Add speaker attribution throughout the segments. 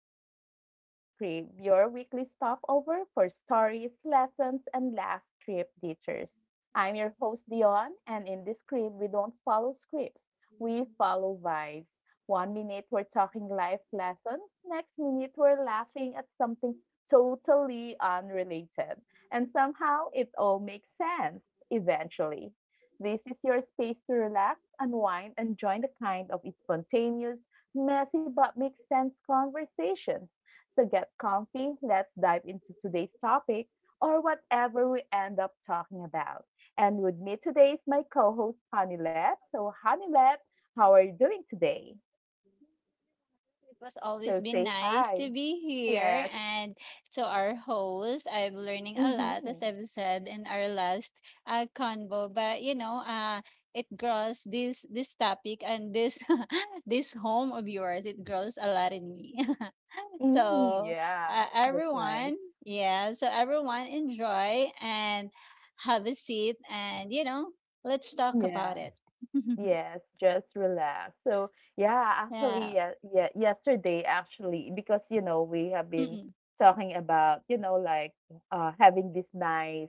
Speaker 1: back to the On Script, your weekly stopover for stories, lessons, and laugh trip teachers. I'm your host, Dion, and in this script, we don't follow scripts, we follow vibes. One minute, we're talking life lessons, next minute, we're laughing at something totally unrelated. And somehow, it all makes sense eventually. This is your space to relax, unwind, and join the kind of spontaneous messy but makes sense conversations. So get comfy, let's dive into today's topic or whatever we end up talking about. And with me today is my co host, Hanilet. So, Hanilet, how are you doing today?
Speaker 2: It was
Speaker 1: So,
Speaker 2: always been
Speaker 1: say
Speaker 2: nice
Speaker 1: hi.
Speaker 2: to be here
Speaker 1: Yes.
Speaker 2: and to our host. I'm learning a lot, as
Speaker 1: Mm-hmm.
Speaker 2: I've said in our last convo. But it grows this topic and this this home of yours. It grows a lot in me.
Speaker 1: Mm,
Speaker 2: So
Speaker 1: yeah, that's nice.
Speaker 2: everyone, yeah. So everyone enjoy and have a seat, and let's talk
Speaker 1: Yeah.
Speaker 2: about it.
Speaker 1: Yes, just relax. So yeah, actually,
Speaker 2: Yeah.
Speaker 1: yesterday actually, because we have been
Speaker 2: Mm-mm.
Speaker 1: talking about having this nice,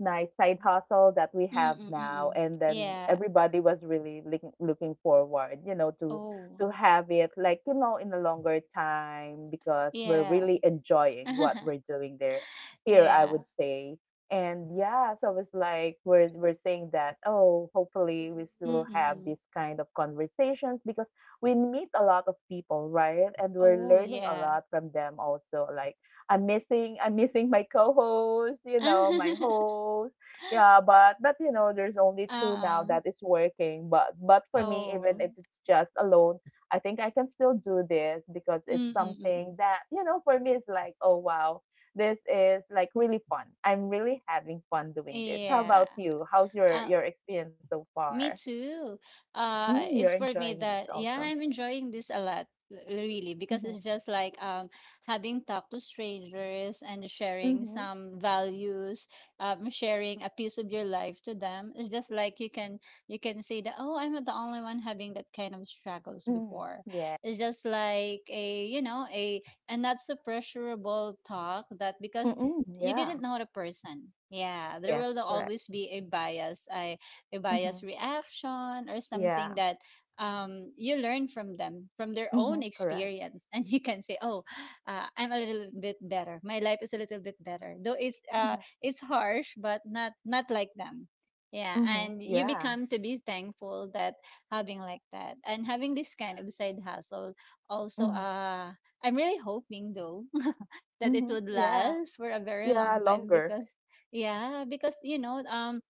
Speaker 1: nice side hustle that we have
Speaker 2: Mm-mm.
Speaker 1: now,
Speaker 2: Mm-mm.
Speaker 1: and then
Speaker 2: Yeah.
Speaker 1: everybody was really looking forward, to
Speaker 2: Oh,
Speaker 1: have it like in a longer time because we're
Speaker 2: yeah.
Speaker 1: really enjoying what we're doing there. Here, I
Speaker 2: Yeah.
Speaker 1: would say. And yeah, so it's like we're saying that, oh, hopefully we still have
Speaker 2: Mm-mm.
Speaker 1: this kind of conversations because we meet a lot of people, right? And we're
Speaker 2: Oh,
Speaker 1: learning a
Speaker 2: yeah.
Speaker 1: lot from them also. Like I'm missing my co-host, my host. Yeah, but there's only two now
Speaker 2: Uh-uh.
Speaker 1: that is working. But for me, even
Speaker 2: Oh.
Speaker 1: if it's just alone, I think I can still do this because it's something
Speaker 2: Mm-mm.
Speaker 1: that, for me it's like, oh wow, this is like really fun. I'm really having fun doing this. How
Speaker 2: Yeah.
Speaker 1: about you? How's your
Speaker 2: Uh,
Speaker 1: your experience so far?
Speaker 2: Me too.
Speaker 1: Mm, you're
Speaker 2: It's for me
Speaker 1: enjoying this
Speaker 2: that yeah,
Speaker 1: also.
Speaker 2: I'm enjoying this a lot, really, because
Speaker 1: Mhm.
Speaker 2: it's just like having talk to strangers and sharing
Speaker 1: Mhm.
Speaker 2: some values, sharing a piece of your life to them. It's just like you can say that, oh, I'm not the only one having that kind of struggles
Speaker 1: Mm,
Speaker 2: before.
Speaker 1: yeah.
Speaker 2: It's just like a, a, and not so pressurable talk that because
Speaker 1: Mm-mm,
Speaker 2: you
Speaker 1: yeah.
Speaker 2: didn't know the person. Yeah, there
Speaker 1: Yes,
Speaker 2: will
Speaker 1: correct.
Speaker 2: always be a bias. I A
Speaker 1: Mm-hmm.
Speaker 2: biased reaction or
Speaker 1: Yeah.
Speaker 2: something that you learn from them, from their
Speaker 1: Mm-hmm.
Speaker 2: own
Speaker 1: Correct.
Speaker 2: experience, and you can say, "Oh, I'm a little bit better. My life is a little bit better, though
Speaker 1: Mm-hmm.
Speaker 2: it's harsh, but not like them." Yeah,
Speaker 1: Mm-hmm.
Speaker 2: and you
Speaker 1: Yeah.
Speaker 2: become to be thankful that having like that and having this kind of side hustle. Also,
Speaker 1: Mm-hmm.
Speaker 2: I'm really hoping though that it
Speaker 1: Mm-hmm.
Speaker 2: would
Speaker 1: Yeah.
Speaker 2: last for a very
Speaker 1: Yeah,
Speaker 2: long time
Speaker 1: longer.
Speaker 2: because, yeah, because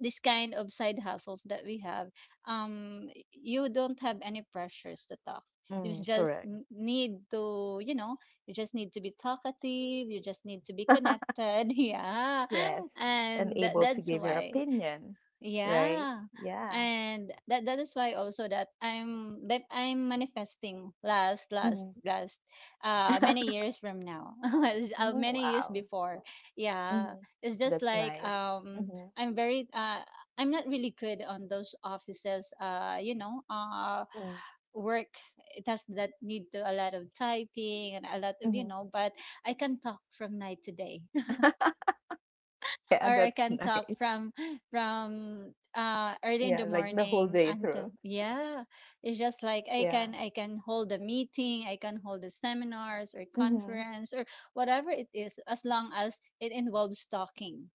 Speaker 2: this kind of side hustles that we have, um, you don't have any pressures to talk. You
Speaker 1: Mm,
Speaker 2: just
Speaker 1: correct.
Speaker 2: need to, you just need to be talkative. You just need to be connected. Yeah.
Speaker 1: Yes. And
Speaker 2: And
Speaker 1: able to
Speaker 2: that's
Speaker 1: give your
Speaker 2: why.
Speaker 1: opinion, right?
Speaker 2: Yeah.
Speaker 1: Yeah.
Speaker 2: And that is why also that I'm manifesting last last
Speaker 1: Mm-hmm.
Speaker 2: last many years from now.
Speaker 1: Oh,
Speaker 2: Many years
Speaker 1: wow.
Speaker 2: before. Yeah.
Speaker 1: Mhm.
Speaker 2: It's just
Speaker 1: That's
Speaker 2: like
Speaker 1: nice. Mhm.
Speaker 2: I'm very I'm not really good on those offices
Speaker 1: Mm.
Speaker 2: work tasks that need to a lot of typing and a lot of, you
Speaker 1: Mhm.
Speaker 2: know. But I can talk from night to day,
Speaker 1: Yeah,
Speaker 2: or I
Speaker 1: that's
Speaker 2: can talk
Speaker 1: nice.
Speaker 2: from from early in
Speaker 1: Yeah,
Speaker 2: the
Speaker 1: like the whole
Speaker 2: morning
Speaker 1: day through.
Speaker 2: until, yeah. It's just like I
Speaker 1: Yeah.
Speaker 2: can I can hold a meeting, I can hold the seminars or
Speaker 1: Mhm.
Speaker 2: conference or whatever it is, as long as it involves talking.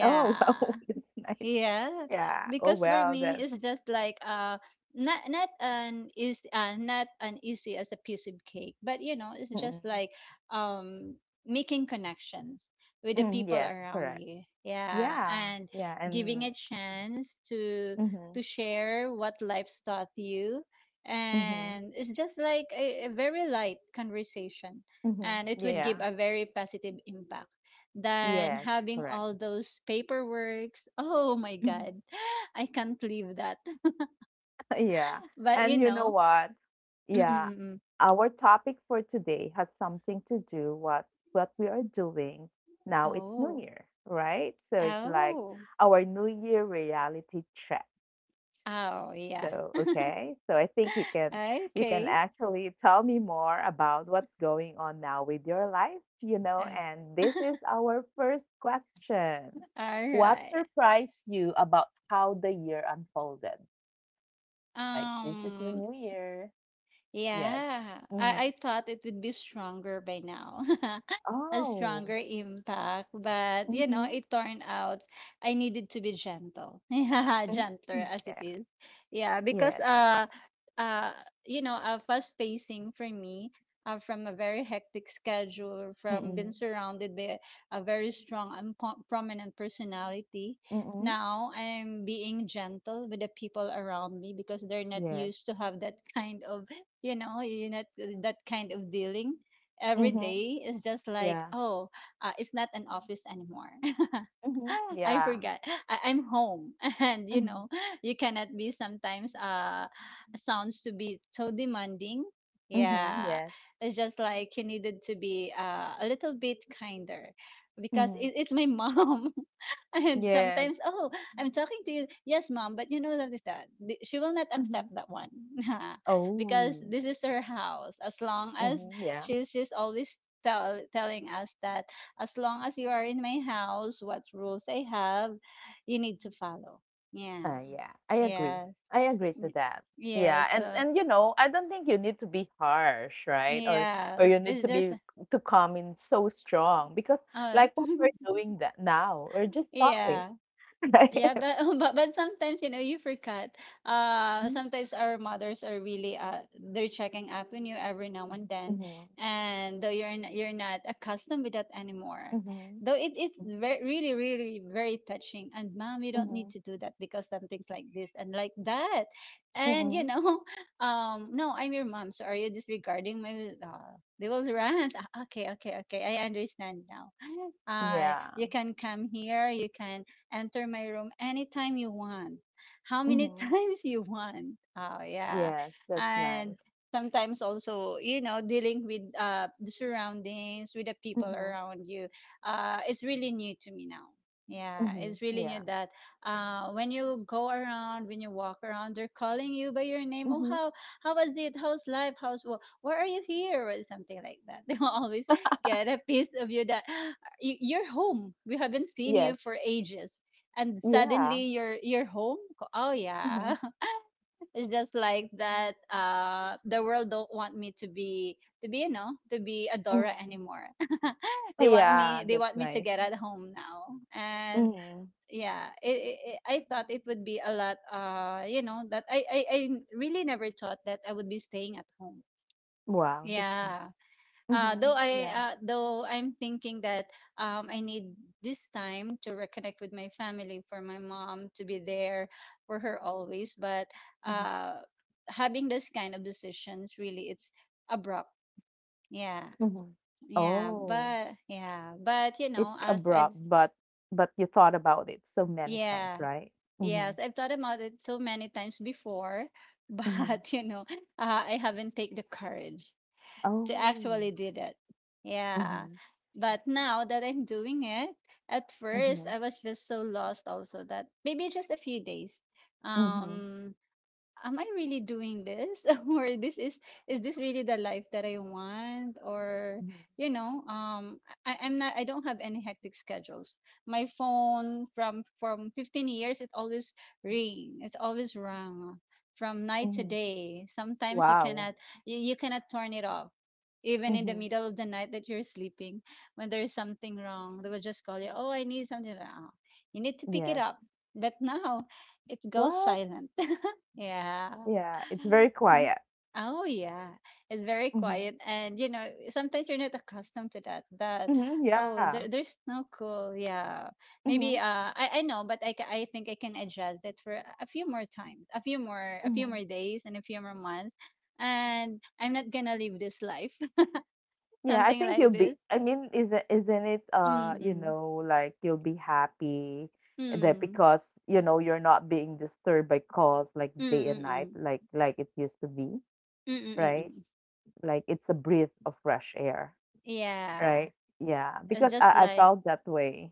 Speaker 1: Oh, wow, that's nice.
Speaker 2: Yeah,
Speaker 1: Yeah. Oh,
Speaker 2: because for
Speaker 1: wow,
Speaker 2: me
Speaker 1: that's
Speaker 2: it's just like not an easy as a piece of cake, but you know it's just
Speaker 1: mm.
Speaker 2: like um making connections with the
Speaker 1: Mm,
Speaker 2: people
Speaker 1: yes,
Speaker 2: around
Speaker 1: correct.
Speaker 2: you. Yeah,
Speaker 1: Yeah.
Speaker 2: and
Speaker 1: Yeah,
Speaker 2: giving a
Speaker 1: and
Speaker 2: chance to
Speaker 1: mhm.
Speaker 2: share what life's taught you,
Speaker 1: Mhm.
Speaker 2: and it's just like a very light conversation,
Speaker 1: Mhm.
Speaker 2: and it would give
Speaker 1: Yeah.
Speaker 2: a very positive impact than
Speaker 1: Yes,
Speaker 2: having
Speaker 1: correct.
Speaker 2: all those paperworks. Oh my
Speaker 1: Mhm.
Speaker 2: god, I can't leave that.
Speaker 1: Yeah.
Speaker 2: But you
Speaker 1: And you know
Speaker 2: know,
Speaker 1: what?
Speaker 2: mm, mm,
Speaker 1: Yeah,
Speaker 2: mm, mm.
Speaker 1: our topic for today has something to do what we are doing now. It's New
Speaker 2: oh,
Speaker 1: Year, right? So it's like
Speaker 2: oh,
Speaker 1: our New Year reality check.
Speaker 2: oh, yeah.
Speaker 1: So, okay. So I think you can
Speaker 2: Okay.
Speaker 1: actually tell me more about what's going on now with your life,
Speaker 2: I,
Speaker 1: and this is our first question.
Speaker 2: all
Speaker 1: What
Speaker 2: right.
Speaker 1: surprised you about how the year unfolded? Like this is the
Speaker 2: Um,
Speaker 1: new year. Yes.
Speaker 2: Yeah,
Speaker 1: hmm
Speaker 2: I thought it would be stronger by now, a
Speaker 1: Oh.
Speaker 2: stronger impact. But, you know,
Speaker 1: Mhm,
Speaker 2: it turned out I needed to be gentle. Yeah, gentler
Speaker 1: mm.
Speaker 2: as it
Speaker 1: Yeah.
Speaker 2: is. Yeah, because,
Speaker 1: Yes.
Speaker 2: uh, you know, fast pacing for me, from a very hectic schedule, from being
Speaker 1: Mm,
Speaker 2: surrounded by a very strong and prominent personality.
Speaker 1: mm.
Speaker 2: Now I'm being gentle with the people around me because they're not
Speaker 1: Yes.
Speaker 2: used to have that kind of, you know. You not That kind of dealing every
Speaker 1: Mhm.
Speaker 2: day is just like,
Speaker 1: Yeah.
Speaker 2: oh, it's not an office anymore.
Speaker 1: Mhm.
Speaker 2: I
Speaker 1: Yeah.
Speaker 2: forgot I'm home. And you
Speaker 1: Mhm.
Speaker 2: know, you cannot be sometimes sounds to be so demanding,
Speaker 1: Mhm.
Speaker 2: yeah.
Speaker 1: Yes.
Speaker 2: It's just like you needed to be a little bit kinder, because
Speaker 1: Mhm.
Speaker 2: it's my mom. And
Speaker 1: Yes.
Speaker 2: sometimes, oh, I'm talking to you, yes mom, but you know that is that she will not
Speaker 1: Mhm.
Speaker 2: accept that one. Because
Speaker 1: Oh.
Speaker 2: this is her house. As long as
Speaker 1: Mhm, yeah.
Speaker 2: she's always telling us that as long as you are in my house, what rules I have, you need to follow. Yeah.
Speaker 1: Yeah, I agree.
Speaker 2: Yeah.
Speaker 1: I agree to
Speaker 2: y-
Speaker 1: that.
Speaker 2: Yeah.
Speaker 1: Yeah,
Speaker 2: So
Speaker 1: and I don't think you need to be harsh, right? Or
Speaker 2: yeah.
Speaker 1: you need
Speaker 2: It's
Speaker 1: to
Speaker 2: just
Speaker 1: be to come in so strong because
Speaker 2: uh
Speaker 1: like what we're doing that now, we're just talking,
Speaker 2: yeah.
Speaker 1: right?
Speaker 2: Yeah, but but sometimes you know you forgot.
Speaker 1: Mhm,
Speaker 2: Sometimes our mothers are really they're checking up on you every now and then,
Speaker 1: mhm,
Speaker 2: and though you're not accustomed with that anymore.
Speaker 1: mhm,
Speaker 2: Though it is very really really very touching. And mom, you don't need
Speaker 1: mhm.
Speaker 2: to do that because something like this and like that, and you
Speaker 1: Mm-mm.
Speaker 2: know, no, I'm your mom. So are you disregarding my? They will rant. Ah, okay, okay, okay, I understand now.
Speaker 1: Yeah.
Speaker 2: You can come here. You can enter my room anytime you want, how many
Speaker 1: Mm-hmm.
Speaker 2: times you want. Oh, yeah.
Speaker 1: Yes, that's nice.
Speaker 2: And sometimes also, you know, dealing with the surroundings, with the people
Speaker 1: Mm-hmm.
Speaker 2: around you, it's really new to me now. Yeah,
Speaker 1: Mm-hmm.
Speaker 2: it's really
Speaker 1: Yeah.
Speaker 2: new that when you go around, when you walk around, they're calling you by your name. Oh,
Speaker 1: Mm-hmm.
Speaker 2: how was it? How's life? Why are you here? Or something like that. They will always get a piece of you that you're home. We haven't seen
Speaker 1: Yes.
Speaker 2: you for ages and
Speaker 1: Yeah.
Speaker 2: suddenly you're home. Oh
Speaker 1: Mm-hmm.
Speaker 2: yeah. It's just like that, the world don't want me to be to be a dora
Speaker 1: Mm-hmm.
Speaker 2: anymore.
Speaker 1: Yeah,
Speaker 2: They
Speaker 1: that's
Speaker 2: want me to
Speaker 1: nice.
Speaker 2: get at home now. And
Speaker 1: Mm-hmm.
Speaker 2: yeah, it, I thought it would be a lot, you know, that I really never thought that I would be staying at home.
Speaker 1: Wow, that's nice.
Speaker 2: Yeah.
Speaker 1: Mm-hmm.
Speaker 2: Though I
Speaker 1: Yeah.
Speaker 2: though I'm thinking that I need this time to reconnect with my family, for my mom to be there for her always. But
Speaker 1: Mm-hmm.
Speaker 2: uh, having this kind of decisions really, it's abrupt. Yeah,
Speaker 1: Mm-hmm. Oh,
Speaker 2: yeah, but you know,
Speaker 1: it's abrupt, but you thought about it so many times,
Speaker 2: yeah,
Speaker 1: right? Mm-hmm.
Speaker 2: yes, I've thought about it so many times before,
Speaker 1: Mm-hmm.
Speaker 2: but you know, I haven't take the courage to
Speaker 1: Oh.
Speaker 2: actually do that. Yeah.
Speaker 1: Mm-hmm.
Speaker 2: But now that I'm doing it, at first
Speaker 1: Mm-hmm.
Speaker 2: I was just so lost also that maybe just a few days.
Speaker 1: Mm-hmm.
Speaker 2: Um am I really doing this? Or this is this really the life that I want? Or
Speaker 1: Mm-hmm.
Speaker 2: you know, I'm not, I don't have any hectic schedules. My phone from 15 years it always ring. It's always rung from night to
Speaker 1: Mm-hmm.
Speaker 2: day. Sometimes you
Speaker 1: Wow.
Speaker 2: cannot you cannot turn it off. Even in the
Speaker 1: Mm-hmm.
Speaker 2: middle of the night that you're sleeping, when there is something wrong, they will just call you, oh, I need something wrong. You need to pick it
Speaker 1: Yes.
Speaker 2: up. But now it goes
Speaker 1: What?
Speaker 2: silent. Yeah.
Speaker 1: Yeah, it's very quiet.
Speaker 2: Oh yeah. It's very
Speaker 1: Mhm.
Speaker 2: quiet and you know, sometimes you're not accustomed to that. That
Speaker 1: Mhm,
Speaker 2: oh
Speaker 1: yeah.
Speaker 2: there's no cool, yeah.
Speaker 1: Mhm,
Speaker 2: Maybe I know, but I think I can adjust it for a few more times, a few more
Speaker 1: mhm.
Speaker 2: days and a few more months. And I'm not gonna live this life.
Speaker 1: Yeah, I
Speaker 2: Something
Speaker 1: think
Speaker 2: like
Speaker 1: you'll be
Speaker 2: this.
Speaker 1: I mean, isn't it,
Speaker 2: Mm
Speaker 1: like you'll be happy that
Speaker 2: mm
Speaker 1: because, you're not being disturbed by calls like
Speaker 2: mm
Speaker 1: day and
Speaker 2: mm
Speaker 1: night,
Speaker 2: mm
Speaker 1: like it used to be,
Speaker 2: mm mm mm. mm.
Speaker 1: right?
Speaker 2: mm.
Speaker 1: Like it's a breath of fresh air,
Speaker 2: Yeah.
Speaker 1: right? Yeah,
Speaker 2: It's
Speaker 1: because
Speaker 2: just
Speaker 1: I
Speaker 2: like
Speaker 1: felt that way.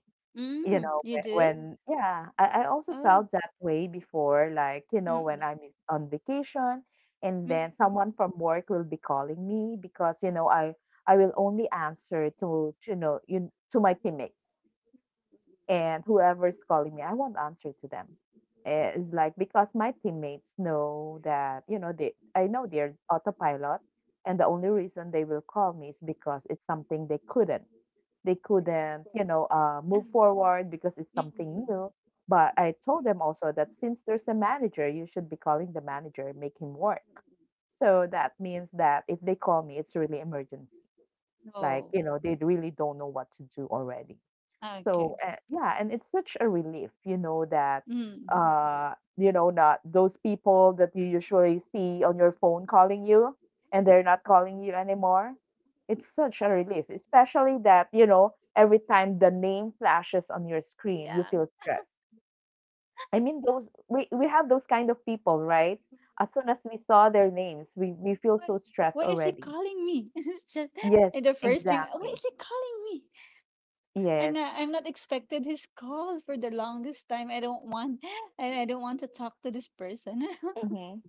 Speaker 1: You
Speaker 2: mm,
Speaker 1: know,
Speaker 2: you
Speaker 1: whe
Speaker 2: do?
Speaker 1: when yeah, I also
Speaker 2: Oh.
Speaker 1: felt that way before, like, when
Speaker 2: Mm.
Speaker 1: I'm in on vacation and
Speaker 2: Mm,
Speaker 1: then
Speaker 2: mm.
Speaker 1: someone from work will be calling me because, I will only answer to, you to my teammates. And whoever's calling me, I won't answer to them. Eh, it's like because my teammates know that, they I know they're autopilot, and the only reason they will call me is because it's something they couldn't, move forward because it's something
Speaker 2: Mm,
Speaker 1: new. But I told them also that since there's a manager, you should be calling the manager, make him work. So that means that if they call me, it's really emergency, like
Speaker 2: no.
Speaker 1: they really don't know what to do already.
Speaker 2: Ah,
Speaker 1: So
Speaker 2: okay.
Speaker 1: yeah, and it's such a relief that
Speaker 2: Mm.
Speaker 1: not those people that you usually see on your phone calling you, and they're not calling you anymore. It's such a relief, especially that every time the name flashes on your screen, you
Speaker 2: Yeah.
Speaker 1: feel stressed. I mean, those, we have those kind of people, right? As soon as we saw their names, we feel
Speaker 2: Why,
Speaker 1: so stressed
Speaker 2: why is he
Speaker 1: already.
Speaker 2: calling me? It's just-
Speaker 1: Yes,
Speaker 2: and the first thing, why is
Speaker 1: exactly.
Speaker 2: he calling me?
Speaker 1: Yes.
Speaker 2: I'm not expected his call for the longest time. I don't want to talk to this person.
Speaker 1: Mhm.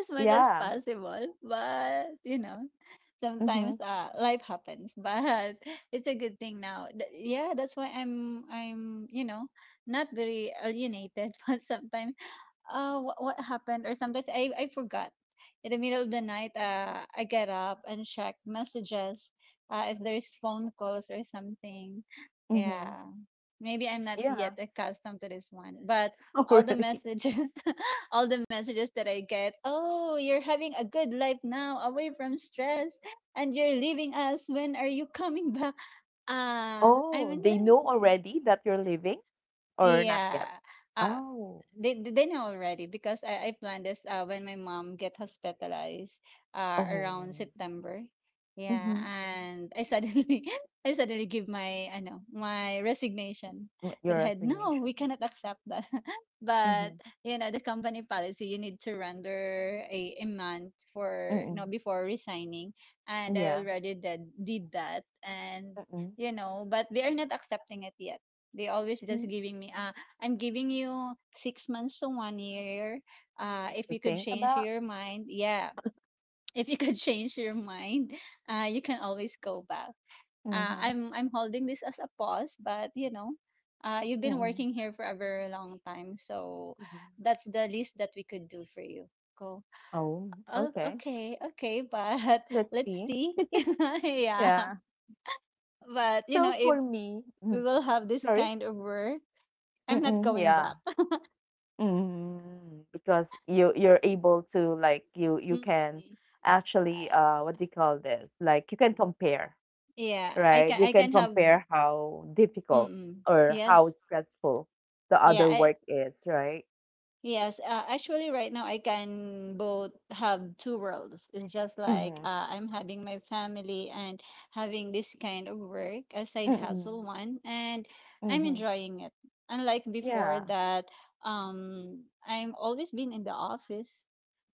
Speaker 2: As much as
Speaker 1: Yeah.
Speaker 2: possible. But you know, sometimes
Speaker 1: Mhm.
Speaker 2: life happens. But it's a good thing now. Yeah, that's why I'm you know, not very alienated, but sometimes what happened or sometimes I forgot in the middle of the night I get up and check messages, if there's phone calls or something,
Speaker 1: Mhm.
Speaker 2: yeah. Maybe I'm not yet
Speaker 1: Yeah.
Speaker 2: accustomed to this one. But
Speaker 1: Oh,
Speaker 2: all the
Speaker 1: really?
Speaker 2: messages, all the messages that I get, oh you're having a good life now away from stress and you're leaving us, when are you coming back? Ah, I'm
Speaker 1: Oh,
Speaker 2: in the
Speaker 1: they know
Speaker 2: yeah.
Speaker 1: already that you're leaving, or not
Speaker 2: Yeah,
Speaker 1: yet?
Speaker 2: uh,
Speaker 1: Oh.
Speaker 2: they know already because I planned this when my mom get hospitalized around
Speaker 1: Oh.
Speaker 2: September. Yeah,
Speaker 1: Mhm.
Speaker 2: and I suddenly I suddenly give my, I know, my resignation
Speaker 1: Mm, your
Speaker 2: that had no we
Speaker 1: resignation.
Speaker 2: cannot accept that. But
Speaker 1: Mhm.
Speaker 2: you know the company policy, you need to render a month for no
Speaker 1: Mm-mm.
Speaker 2: before resigning, and I
Speaker 1: Yeah.
Speaker 2: already did that. And
Speaker 1: Mm-mm.
Speaker 2: you know, but they are not accepting it yet. They always just
Speaker 1: Mm.
Speaker 2: giving me, ah, I'm giving you 6 months to 1 year. If
Speaker 1: To
Speaker 2: you could
Speaker 1: think
Speaker 2: change
Speaker 1: about.
Speaker 2: your mind, yeah. If you could change your mind, you can always go back.
Speaker 1: Mhm.
Speaker 2: I'm holding this as a pause, but you've been
Speaker 1: Mm-mm.
Speaker 2: working here for a very long time, so
Speaker 1: Mhm.
Speaker 2: that's the least that we could do for you. Go.
Speaker 1: Oh,
Speaker 2: Oh,
Speaker 1: okay.
Speaker 2: okay, okay, but
Speaker 1: Let's
Speaker 2: let's
Speaker 1: see.
Speaker 2: see. Yeah,
Speaker 1: Yeah.
Speaker 2: but
Speaker 1: So
Speaker 2: if
Speaker 1: for me,
Speaker 2: we
Speaker 1: mm,
Speaker 2: will have this
Speaker 1: sorry.
Speaker 2: kind of work, I'm not
Speaker 1: Mm-mm.
Speaker 2: going
Speaker 1: Yeah.
Speaker 2: back.
Speaker 1: Mm, because you're able to, like, you can
Speaker 2: Mm.
Speaker 1: actually, what do you call this? Like you can compare,
Speaker 2: Yeah, I
Speaker 1: right?
Speaker 2: can
Speaker 1: You
Speaker 2: I
Speaker 1: can
Speaker 2: can have
Speaker 1: compare how difficult
Speaker 2: mm
Speaker 1: or
Speaker 2: yes.
Speaker 1: how stressful the
Speaker 2: Yeah,
Speaker 1: other
Speaker 2: I
Speaker 1: work is, right?
Speaker 2: Yes, actually, right now I can both have two worlds. It's just like
Speaker 1: Mm-hmm.
Speaker 2: I'm having my family and having this kind of work, a side hustle
Speaker 1: Mm-mm.
Speaker 2: one, and I'm
Speaker 1: Mm-hmm.
Speaker 2: enjoying it. Unlike before
Speaker 1: Yeah.
Speaker 2: that, I'm always been in the office,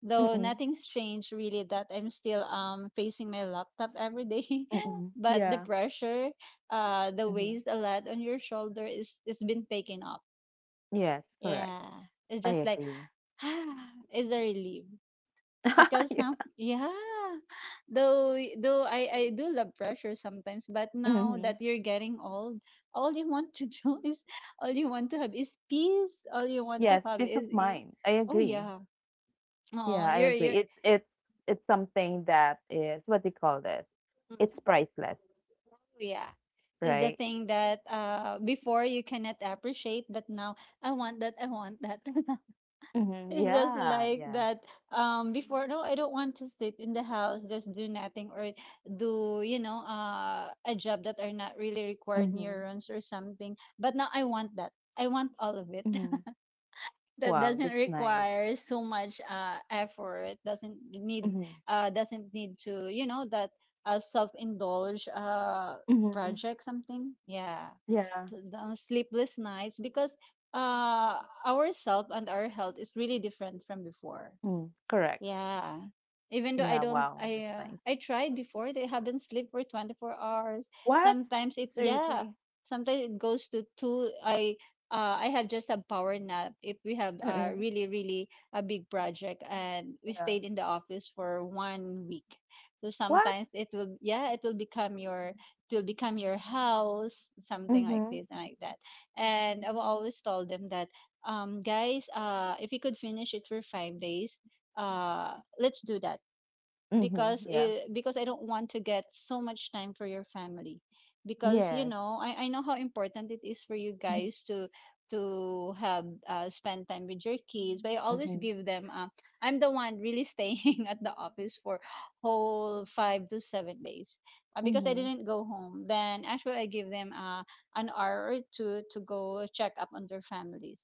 Speaker 2: though
Speaker 1: Mm-mm.
Speaker 2: nothing's changed really. That I'm still facing my laptop every day,
Speaker 1: Mm-mm.
Speaker 2: but the
Speaker 1: Yeah.
Speaker 2: pressure, the
Speaker 1: Mm-hmm.
Speaker 2: weight a lot on your shoulder is been taken up.
Speaker 1: Yes, correct.
Speaker 2: Yeah, it's
Speaker 1: I
Speaker 2: just like
Speaker 1: agree.
Speaker 2: is a relief because now,
Speaker 1: Yeah.
Speaker 2: yeah, though I do love pressure sometimes, but now
Speaker 1: Mm-hmm.
Speaker 2: that you're getting old, all you want to do is, all you want to have is peace, all you want to
Speaker 1: Yes,
Speaker 2: have
Speaker 1: peace of
Speaker 2: is
Speaker 1: mind. I
Speaker 2: oh,
Speaker 1: agree.
Speaker 2: yeah. Oh,
Speaker 1: Yeah, I
Speaker 2: you're
Speaker 1: agree.
Speaker 2: you're
Speaker 1: It's, it's something that is, what do you call this?
Speaker 2: mm,
Speaker 1: It's priceless,
Speaker 2: yeah, is the
Speaker 1: right?
Speaker 2: thing that before you cannot appreciate, but now I want that, I want that.
Speaker 1: Mm-hmm.
Speaker 2: It's just
Speaker 1: Yeah,
Speaker 2: like
Speaker 1: yeah.
Speaker 2: that. Before, no, I don't want to sit in the house, just do nothing, or do, a job that are not really required
Speaker 1: Mm-hmm.
Speaker 2: neurons or something. But now I want that. I want all of it.
Speaker 1: Mm-hmm.
Speaker 2: That
Speaker 1: Wow,
Speaker 2: doesn't
Speaker 1: that's nice.
Speaker 2: require so much effort.
Speaker 1: Mhm.
Speaker 2: Doesn't need to, that self-indulge
Speaker 1: Mm-hmm.
Speaker 2: project something. Yeah.
Speaker 1: Yeah,
Speaker 2: The sleepless nights because our self and our health is really different from before,
Speaker 1: mm, correct.
Speaker 2: yeah. Even though
Speaker 1: Yeah,
Speaker 2: I don't,
Speaker 1: wow,
Speaker 2: I
Speaker 1: that's
Speaker 2: uh,
Speaker 1: nice.
Speaker 2: I tried before. They haven't slept for 24 hours.
Speaker 1: What?
Speaker 2: Sometimes it, yeah.
Speaker 1: Seriously?
Speaker 2: Sometimes it goes to two. I have just a power nap if we have,
Speaker 1: Mm-hmm.
Speaker 2: really really a big project, and we
Speaker 1: Yeah.
Speaker 2: stayed in the office for one week. So
Speaker 1: What?
Speaker 2: sometimes it will, yeah, it will become your house, something like
Speaker 1: Mm-hmm.
Speaker 2: this and like that. And I've always told them that, guys, if you could finish it for 5 days, let's do that,
Speaker 1: Mm-hmm.
Speaker 2: because
Speaker 1: Yeah.
Speaker 2: because I don't want to get so much time for your family, because
Speaker 1: Yes.
Speaker 2: I know how important it is for you
Speaker 1: Mm-hmm.
Speaker 2: guys to have, spend time with your kids, but I always
Speaker 1: Mm-hmm.
Speaker 2: give them, I'm the one really staying at the office for whole 5 to 7 days, because I
Speaker 1: Mm-hmm.
Speaker 2: didn't go home. Then actually I give them, an hour or two to go check up on their families,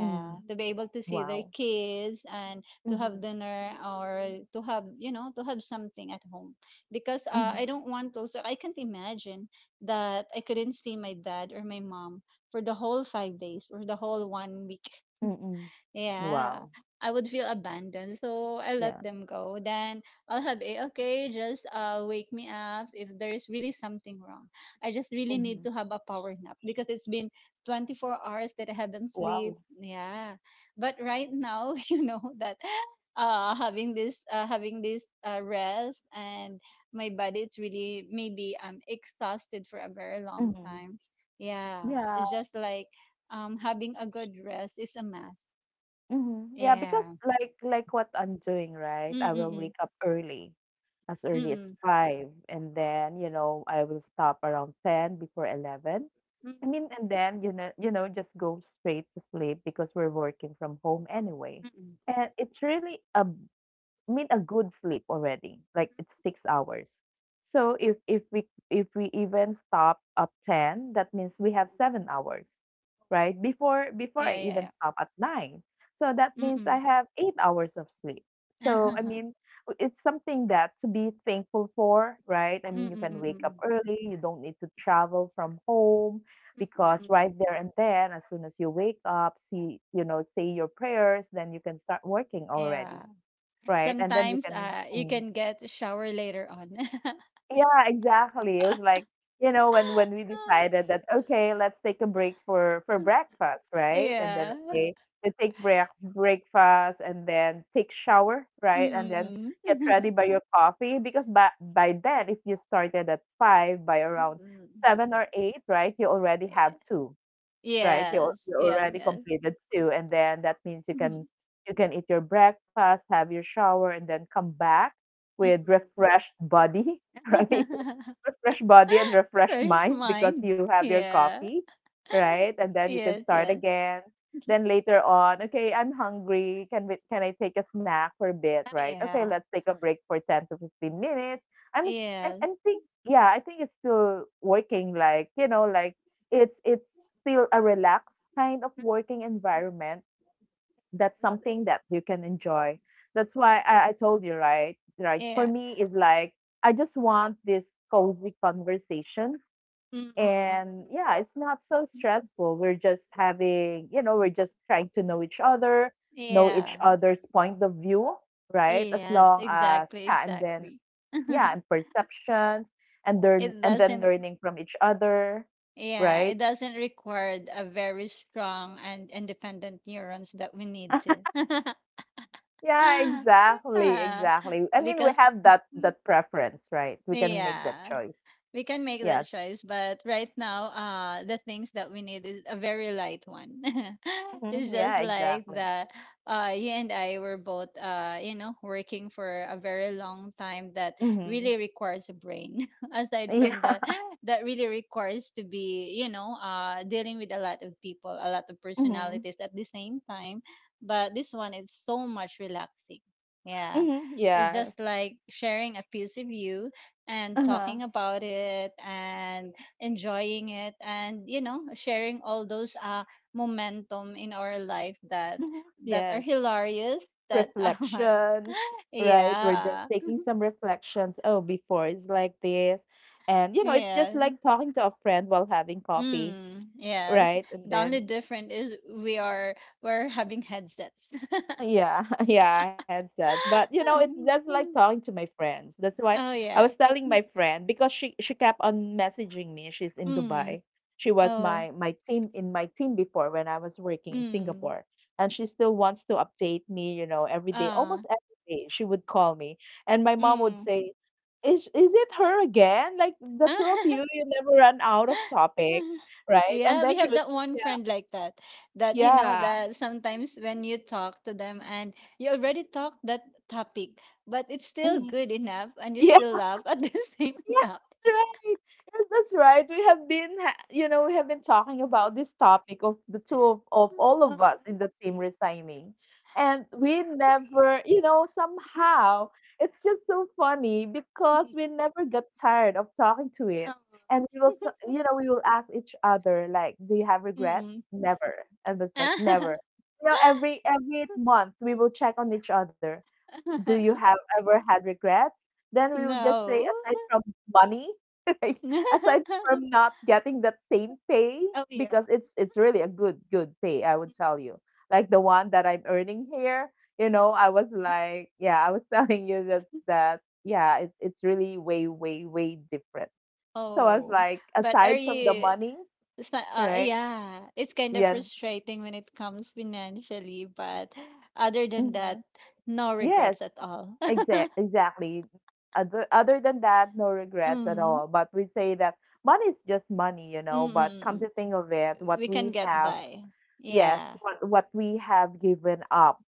Speaker 1: Mm-hmm.
Speaker 2: to be able to see their
Speaker 1: Wow.
Speaker 2: kids and to
Speaker 1: Mm-hmm.
Speaker 2: have dinner or to have to have something at home, because
Speaker 1: Mm-hmm.
Speaker 2: I don't want also, I can't imagine that I couldn't see my dad or my mom for the whole 5 days or the whole one week,
Speaker 1: Mm-hmm.
Speaker 2: yeah.
Speaker 1: Wow.
Speaker 2: I would feel abandoned, so I let
Speaker 1: Yeah.
Speaker 2: them go. Then I'll have a, okay, just wake me up if there's really something wrong. I just really need
Speaker 1: Mm-hmm.
Speaker 2: to have a power nap because it's been 24 hours that I haven't sleep.
Speaker 1: Wow.
Speaker 2: Yeah. But right now, you know that having this, rest, and my body, it's really, maybe I'm exhausted for a very long
Speaker 1: Mhm.
Speaker 2: time. Yeah,
Speaker 1: Yeah.
Speaker 2: it's just like having a good rest is a must,
Speaker 1: Mhm. Yeah, because
Speaker 2: yeah.
Speaker 1: like what I'm doing, right?
Speaker 2: Mm,
Speaker 1: I will
Speaker 2: mm,
Speaker 1: wake up
Speaker 2: mm.
Speaker 1: early as
Speaker 2: Mm,
Speaker 1: 5, and then, I will stop around 10 before 11.
Speaker 2: mm,
Speaker 1: I mean, and then, just go straight to sleep because we're working from home anyway.
Speaker 2: mm.
Speaker 1: And it's really a I mean, a good sleep already. Like, it's 6 hours. So if we even stop at 10, that means we have 7 hours, right? Before
Speaker 2: Yeah,
Speaker 1: I
Speaker 2: yeah,
Speaker 1: even
Speaker 2: yeah.
Speaker 1: stop at 9. So that means I
Speaker 2: Mm.
Speaker 1: have 8 hours of sleep. So I mean, it's something that to be thankful for, right? I
Speaker 2: Mm,
Speaker 1: mean, you
Speaker 2: mm,
Speaker 1: can
Speaker 2: mm,
Speaker 1: wake up
Speaker 2: mm.
Speaker 1: early, you don't need to travel from home
Speaker 2: Mm,
Speaker 1: because
Speaker 2: mm, mm.
Speaker 1: right there and then as soon as you wake up, see you know, say your prayers, then you can start working already.
Speaker 2: Yeah.
Speaker 1: Right, and then you
Speaker 2: Sometimes
Speaker 1: can
Speaker 2: you
Speaker 1: mm.
Speaker 2: can get a shower later on.
Speaker 1: Yeah, exactly. It was like, when we decided that, okay, let's take a break for breakfast, right? And then,
Speaker 2: Yeah.
Speaker 1: okay, we take breakfast and then take shower,
Speaker 2: Mm,
Speaker 1: right? And then
Speaker 2: mm,
Speaker 1: get
Speaker 2: mm.
Speaker 1: ready by your coffee because by then, if you started at 5, by
Speaker 2: Mm,
Speaker 1: around
Speaker 2: mm.
Speaker 1: seven or eight, right, you already have 2. Right,
Speaker 2: Yes.
Speaker 1: you
Speaker 2: Yes,
Speaker 1: already
Speaker 2: yes.
Speaker 1: completed 2, and then that means you
Speaker 2: Hmm.
Speaker 1: can, eat your breakfast, have your shower, and then come back
Speaker 2: Mm,
Speaker 1: with
Speaker 2: mm.
Speaker 1: refreshed body, right? Refreshed body and refreshed
Speaker 2: Fresh
Speaker 1: mind because
Speaker 2: mind.
Speaker 1: you have your
Speaker 2: Yeah.
Speaker 1: coffee, right? And then you can
Speaker 2: Yes,
Speaker 1: start
Speaker 2: yes.
Speaker 1: again. Then later on, okay, I'm hungry. Can I take a snack for a bit,
Speaker 2: Oh,
Speaker 1: right? Okay,
Speaker 2: yeah.
Speaker 1: let's take a break for 10 to 15 minutes. I,
Speaker 2: Yes.
Speaker 1: I think, yeah, I think it's still working, like, it's still a relaxed kind of
Speaker 2: Mm,
Speaker 1: working environment, that's
Speaker 2: yes,
Speaker 1: something that you can enjoy. That's why
Speaker 2: yes.
Speaker 1: I told you, right? Right. For
Speaker 2: Yeah.
Speaker 1: me, it's like I just want this cozy conversations.
Speaker 2: Mm, mm, mm, mm,
Speaker 1: And
Speaker 2: mm,
Speaker 1: yeah,
Speaker 2: mm.
Speaker 1: it's not so stressful. We're just having, we're just trying to know each other, know each
Speaker 2: Yeah.
Speaker 1: other's point of view, right? As
Speaker 2: Yes,
Speaker 1: long as,
Speaker 2: exactly,
Speaker 1: yeah, and then
Speaker 2: exactly.
Speaker 1: yeah, and perceptions, and learn
Speaker 2: It
Speaker 1: and then
Speaker 2: doesn't,
Speaker 1: learning from each other,
Speaker 2: yeah,
Speaker 1: right?
Speaker 2: it doesn't require a very strong and independent neurons that we need to.
Speaker 1: Yeah, exactly,
Speaker 2: Yeah.
Speaker 1: exactly. I mean, we
Speaker 2: Because,
Speaker 1: have that preference, right? We can make that
Speaker 2: yeah,
Speaker 1: choice.
Speaker 2: we can make that
Speaker 1: Yes.
Speaker 2: choice, but right now the things that we need is a very light one. It's
Speaker 1: hmm
Speaker 2: just
Speaker 1: Yeah,
Speaker 2: like
Speaker 1: exactly.
Speaker 2: that, you and I were both, working for a very long time that
Speaker 1: hmm
Speaker 2: really requires a brain. Aside
Speaker 1: Yeah.
Speaker 2: from that that really requires to be, dealing with a lot of people, a lot of
Speaker 1: hmm
Speaker 2: personalities at the same time. But this one is so much relaxing, yeah.
Speaker 1: hmm
Speaker 2: It's
Speaker 1: Yeah.
Speaker 2: just like sharing a piece of you and
Speaker 1: Uh-huh.
Speaker 2: talking about it and enjoying it, and, sharing all those, momentum in our life, that
Speaker 1: hmm
Speaker 2: that are
Speaker 1: Yes.
Speaker 2: hilarious, that are,
Speaker 1: Reflections, right? We're just
Speaker 2: yeah,
Speaker 1: taking some reflections. Oh, before it's like this. And you know, it's just
Speaker 2: yeah.
Speaker 1: like talking to a friend while having coffee,
Speaker 2: Mm, yes.
Speaker 1: right? And
Speaker 2: The only
Speaker 1: then
Speaker 2: difference is, we are we're having headsets.
Speaker 1: yeah, yeah, headsets. But you know, it's just like talking to my friends. That's why
Speaker 2: Oh,
Speaker 1: I was
Speaker 2: yeah.
Speaker 1: telling my friend because she kept on messaging me. She's in
Speaker 2: Mm,
Speaker 1: Dubai. She was
Speaker 2: oh.
Speaker 1: my, my team in my team before when I was working in
Speaker 2: Mm,
Speaker 1: Singapore. And she still wants to update me, you know, every day,
Speaker 2: ah,
Speaker 1: almost every day she would call me. And my mom would
Speaker 2: mm.
Speaker 1: say, "Is it her again? Like the two of you, you never run out of topic, right?" And
Speaker 2: Yeah,
Speaker 1: then
Speaker 2: we
Speaker 1: she
Speaker 2: have
Speaker 1: would,
Speaker 2: that one
Speaker 1: yeah,
Speaker 2: friend like that. That you know
Speaker 1: yeah.
Speaker 2: that, sometimes when you talk to them and you already talked that topic, but it's still
Speaker 1: Mhm.
Speaker 2: good enough and you still laugh at the same
Speaker 1: Yeah,
Speaker 2: time.
Speaker 1: that's right. Yes, that's right. We have been, we have been talking about this topic of the of all
Speaker 2: Uh, uh,
Speaker 1: of us in the team resigning. And we never, somehow it's just so funny because we never got tired of talking to it. And we will, we will ask each other, like, do you have regrets?
Speaker 2: Mm-mm.
Speaker 1: Never. And it's like, never. You know, every every month we will check on each other. Do you have ever had regrets? Then we would just say,
Speaker 2: No.
Speaker 1: aside from money, right? Aside from not getting that same pay,
Speaker 2: Oh, yeah.
Speaker 1: because it's really a good pay, I would
Speaker 2: Mm.
Speaker 1: tell you. Like the one that I'm earning here, you know, I was like, yeah, I was telling you that yeah, it's really way different. So I was
Speaker 2: Oh,
Speaker 1: like,
Speaker 2: but are
Speaker 1: aside from the
Speaker 2: you?
Speaker 1: money,
Speaker 2: It's not,
Speaker 1: right?
Speaker 2: yeah, it's kind of
Speaker 1: Yeah.
Speaker 2: frustrating when it comes financially, but other than
Speaker 1: Hmm.
Speaker 2: that, no
Speaker 1: Yes.
Speaker 2: regrets at all.
Speaker 1: Exactly. Other than that, no regrets at
Speaker 2: Mm.
Speaker 1: all. But we say that money is just money, you know. But come to
Speaker 2: Mm-mm.
Speaker 1: think of it,
Speaker 2: We
Speaker 1: what
Speaker 2: can
Speaker 1: we
Speaker 2: get
Speaker 1: have,
Speaker 2: by.
Speaker 1: yes,
Speaker 2: Yeah.
Speaker 1: what we have given up,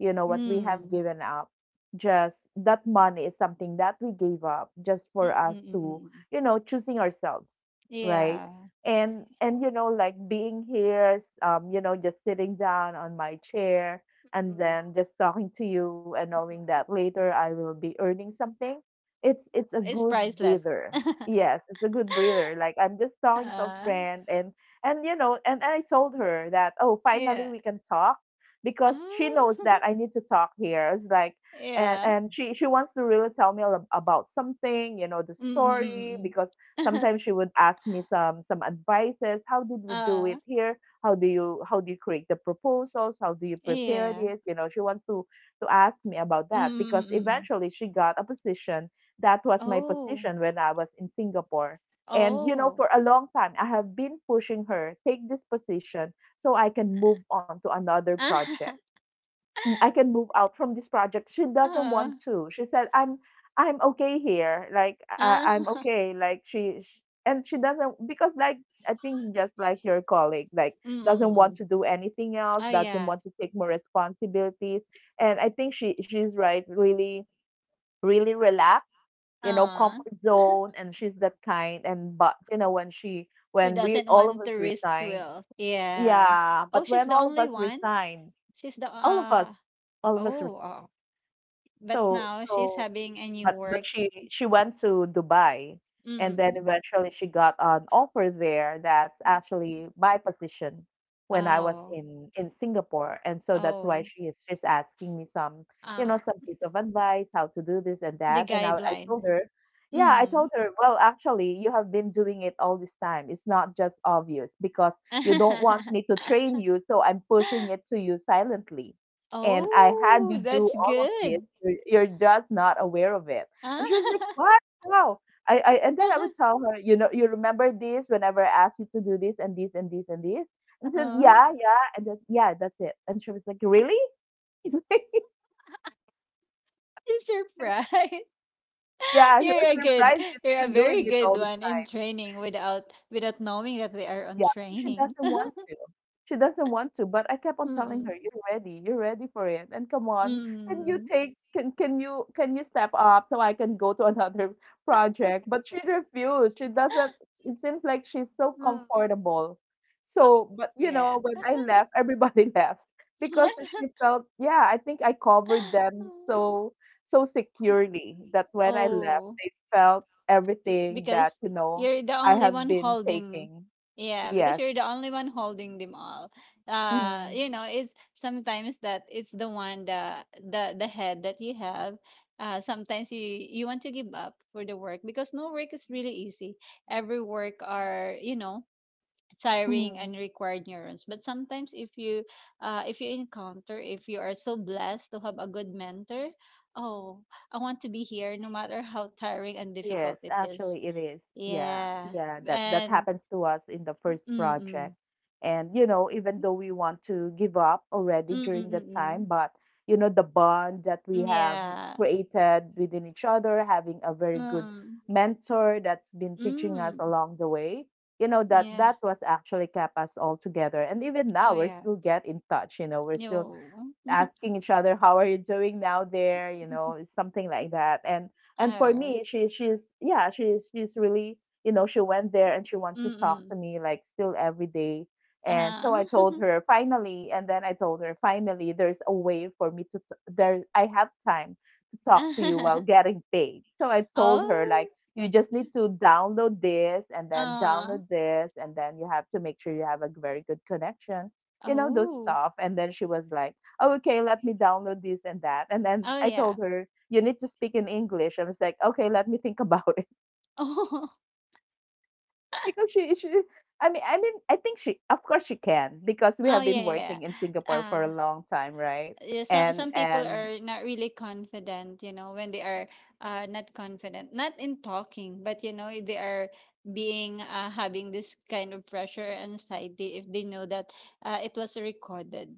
Speaker 1: you know, what we have
Speaker 2: Mm.
Speaker 1: given up, just that money is something that we gave up just for us to,
Speaker 2: Mm-mm-mm.
Speaker 1: you know, choosing ourselves, right?
Speaker 2: Yeah.
Speaker 1: And you know, like being here, just sitting down on my chair and
Speaker 2: Mm.
Speaker 1: then just talking to you and knowing that
Speaker 2: Mm.
Speaker 1: later I will be earning something. It's a
Speaker 2: It's
Speaker 1: good
Speaker 2: priceless.
Speaker 1: breather. Yes, it's a good breather. Like I'm just talking to a
Speaker 2: uh,
Speaker 1: friend. And you know, and I told her that, oh, finally
Speaker 2: yeah.
Speaker 1: we can talk, because she knows
Speaker 2: Oh,
Speaker 1: that I need to talk here. It's like, and
Speaker 2: yeah.
Speaker 1: and she wants to really tell me about something, you know, the story,
Speaker 2: Mm-mm-mm.
Speaker 1: because sometimes she would ask me some advices. How did we do
Speaker 2: uh,
Speaker 1: it here? How do you create the proposals? How do you prepare
Speaker 2: yeah.
Speaker 1: this? You know, she wants to ask me about that because
Speaker 2: Mm-mm-mm.
Speaker 1: eventually she got a position that was my
Speaker 2: Oh.
Speaker 1: position when I was in Singapore. And you know,
Speaker 2: Oh.
Speaker 1: for a long time, I have been pushing her take this position so I can move on to another project.
Speaker 2: Ah,
Speaker 1: Mm, I can move out from this project. She doesn't
Speaker 2: oo.
Speaker 1: want to. She said, "I'm okay here. Like I,
Speaker 2: Ah,
Speaker 1: I'm okay." Like she, sh and she doesn't, because like I think just like your colleague, like
Speaker 2: mm,
Speaker 1: doesn't want
Speaker 2: mm.
Speaker 1: to do anything else,
Speaker 2: Oh,
Speaker 1: doesn't
Speaker 2: yeah.
Speaker 1: want to take more responsibilities. And I think she's right. Really, really relaxed, you know,
Speaker 2: Ah,
Speaker 1: comfort zone, and she's that kind. And but you know, when she
Speaker 2: she
Speaker 1: when we,
Speaker 2: doesn't
Speaker 1: all of
Speaker 2: want to
Speaker 1: us,
Speaker 2: risk
Speaker 1: resigned,
Speaker 2: Will. Yeah.
Speaker 1: yeah,
Speaker 2: Oh,
Speaker 1: but
Speaker 2: she's
Speaker 1: when
Speaker 2: the
Speaker 1: all of
Speaker 2: only
Speaker 1: us
Speaker 2: one?
Speaker 1: resigned,
Speaker 2: She's the,
Speaker 1: all of us, all of us, re-
Speaker 2: oh, oh. But
Speaker 1: so
Speaker 2: now she's
Speaker 1: so,
Speaker 2: having a new
Speaker 1: but
Speaker 2: work.
Speaker 1: she went to Dubai,
Speaker 2: Mm,
Speaker 1: and
Speaker 2: mm,
Speaker 1: then
Speaker 2: mm,
Speaker 1: eventually she got an offer there that's
Speaker 2: mm.
Speaker 1: actually my position when I was
Speaker 2: Oh,
Speaker 1: in Singapore, and so that's why
Speaker 2: oh.
Speaker 1: she is just asking me some, you know,
Speaker 2: Ah,
Speaker 1: some piece of advice how to do this and
Speaker 2: the
Speaker 1: that, and I
Speaker 2: guideline.
Speaker 1: told her. Yeah, I
Speaker 2: Mm.
Speaker 1: told her, well, actually, you have been doing it all this time. It's not just obvious because you don't want me to train you, so I'm pushing it to you silently. And I had
Speaker 2: Oh,
Speaker 1: you do
Speaker 2: that's
Speaker 1: all of this.
Speaker 2: good.
Speaker 1: You're just not aware of it.
Speaker 2: Ah,
Speaker 1: And she was like, "What? How?" I and then I would tell her, you know, you remember this whenever I asked you to do this and this and this and this? And she said,
Speaker 2: uh-huh.
Speaker 1: "Yeah, yeah," and then, "Yeah, that's it." And she was like, "Really?"
Speaker 2: Surprise.
Speaker 1: Yeah, she
Speaker 2: You're
Speaker 1: was
Speaker 2: a good,
Speaker 1: surprised. She's
Speaker 2: you're a
Speaker 1: been doing
Speaker 2: very
Speaker 1: it
Speaker 2: good
Speaker 1: all.
Speaker 2: one in training without knowing that they are on
Speaker 1: Yeah, but she
Speaker 2: training.
Speaker 1: doesn't want to. She doesn't want to, but I kept on telling
Speaker 2: Mm,
Speaker 1: her, "You're ready. You're ready for it. And come on,
Speaker 2: mm,
Speaker 1: can you step up so I can go to another project?" But she refused. She doesn't. It seems like she's so
Speaker 2: mm.
Speaker 1: comfortable.
Speaker 2: Oh,
Speaker 1: So, but you
Speaker 2: yeah.
Speaker 1: know, when I left, everybody left because she felt, yeah, I think I covered them so securely that when I left,
Speaker 2: Oh,
Speaker 1: they felt everything that,
Speaker 2: because
Speaker 1: you know,
Speaker 2: you're the
Speaker 1: I
Speaker 2: only
Speaker 1: have
Speaker 2: one
Speaker 1: been
Speaker 2: holding
Speaker 1: taking.
Speaker 2: yeah, because
Speaker 1: Yes.
Speaker 2: you're the only one holding them all,
Speaker 1: Mm-hmm.
Speaker 2: it's, sometimes that it's the one that the head that you have, sometimes you want to give up for the work, because no work is really easy, every work are, tiring
Speaker 1: Mm-hmm.
Speaker 2: and required neurons, but sometimes if you, if you encounter, if you are so blessed to have a good mentor, oh, I want to be here no matter how tiring and
Speaker 1: Yes,
Speaker 2: difficult it is.
Speaker 1: actually it is. Yeah,
Speaker 2: Yeah.
Speaker 1: yeah, that that
Speaker 2: And
Speaker 1: happens to us in the first project.
Speaker 2: mm-mm.
Speaker 1: And you know, even though we want to give up already during the time,
Speaker 2: Mm-mm-mm.
Speaker 1: but you know, the bond that we have
Speaker 2: Yeah.
Speaker 1: created within each other, having a very good
Speaker 2: Mm.
Speaker 1: mentor that's been teaching us
Speaker 2: Mm.
Speaker 1: along the way, you know, that
Speaker 2: Yeah.
Speaker 1: that was actually kept us all together. And even
Speaker 2: Oh,
Speaker 1: now we're
Speaker 2: yeah.
Speaker 1: still get in touch, you know, we're still
Speaker 2: No.
Speaker 1: asking each other, "How are you doing now there?" You know, it's something like that. And for
Speaker 2: Oh.
Speaker 1: me, she's yeah, she's really, you know, she went there and she wants to talk
Speaker 2: Mm-mm.
Speaker 1: to me like still every day. And so I told
Speaker 2: Uh.
Speaker 1: her finally, and then I told her finally there's a way for me to t- there I have time to talk to you while getting paid. So I told her, like,
Speaker 2: Oh.
Speaker 1: you just need to download this and then
Speaker 2: Uh.
Speaker 1: download this, and then you have to make sure you have a very good connection, you know, those
Speaker 2: Oh.
Speaker 1: stuff. And then she was like, "Oh, okay, let me download this and that." And then
Speaker 2: Oh,
Speaker 1: I
Speaker 2: yeah.
Speaker 1: told her, you need to speak in English. I was like, okay, let me think about it.
Speaker 2: Oh.
Speaker 1: Because she I mean, I mean, I think she, of course she can, because we
Speaker 2: Oh,
Speaker 1: have
Speaker 2: yeah,
Speaker 1: been
Speaker 2: yeah.
Speaker 1: working in Singapore for a
Speaker 2: Uh
Speaker 1: long time, right?
Speaker 2: yeah, some some people
Speaker 1: And
Speaker 2: are not really confident, when they are, not confident, not in talking, but, they are being having this kind of pressure and anxiety if they know that it was recorded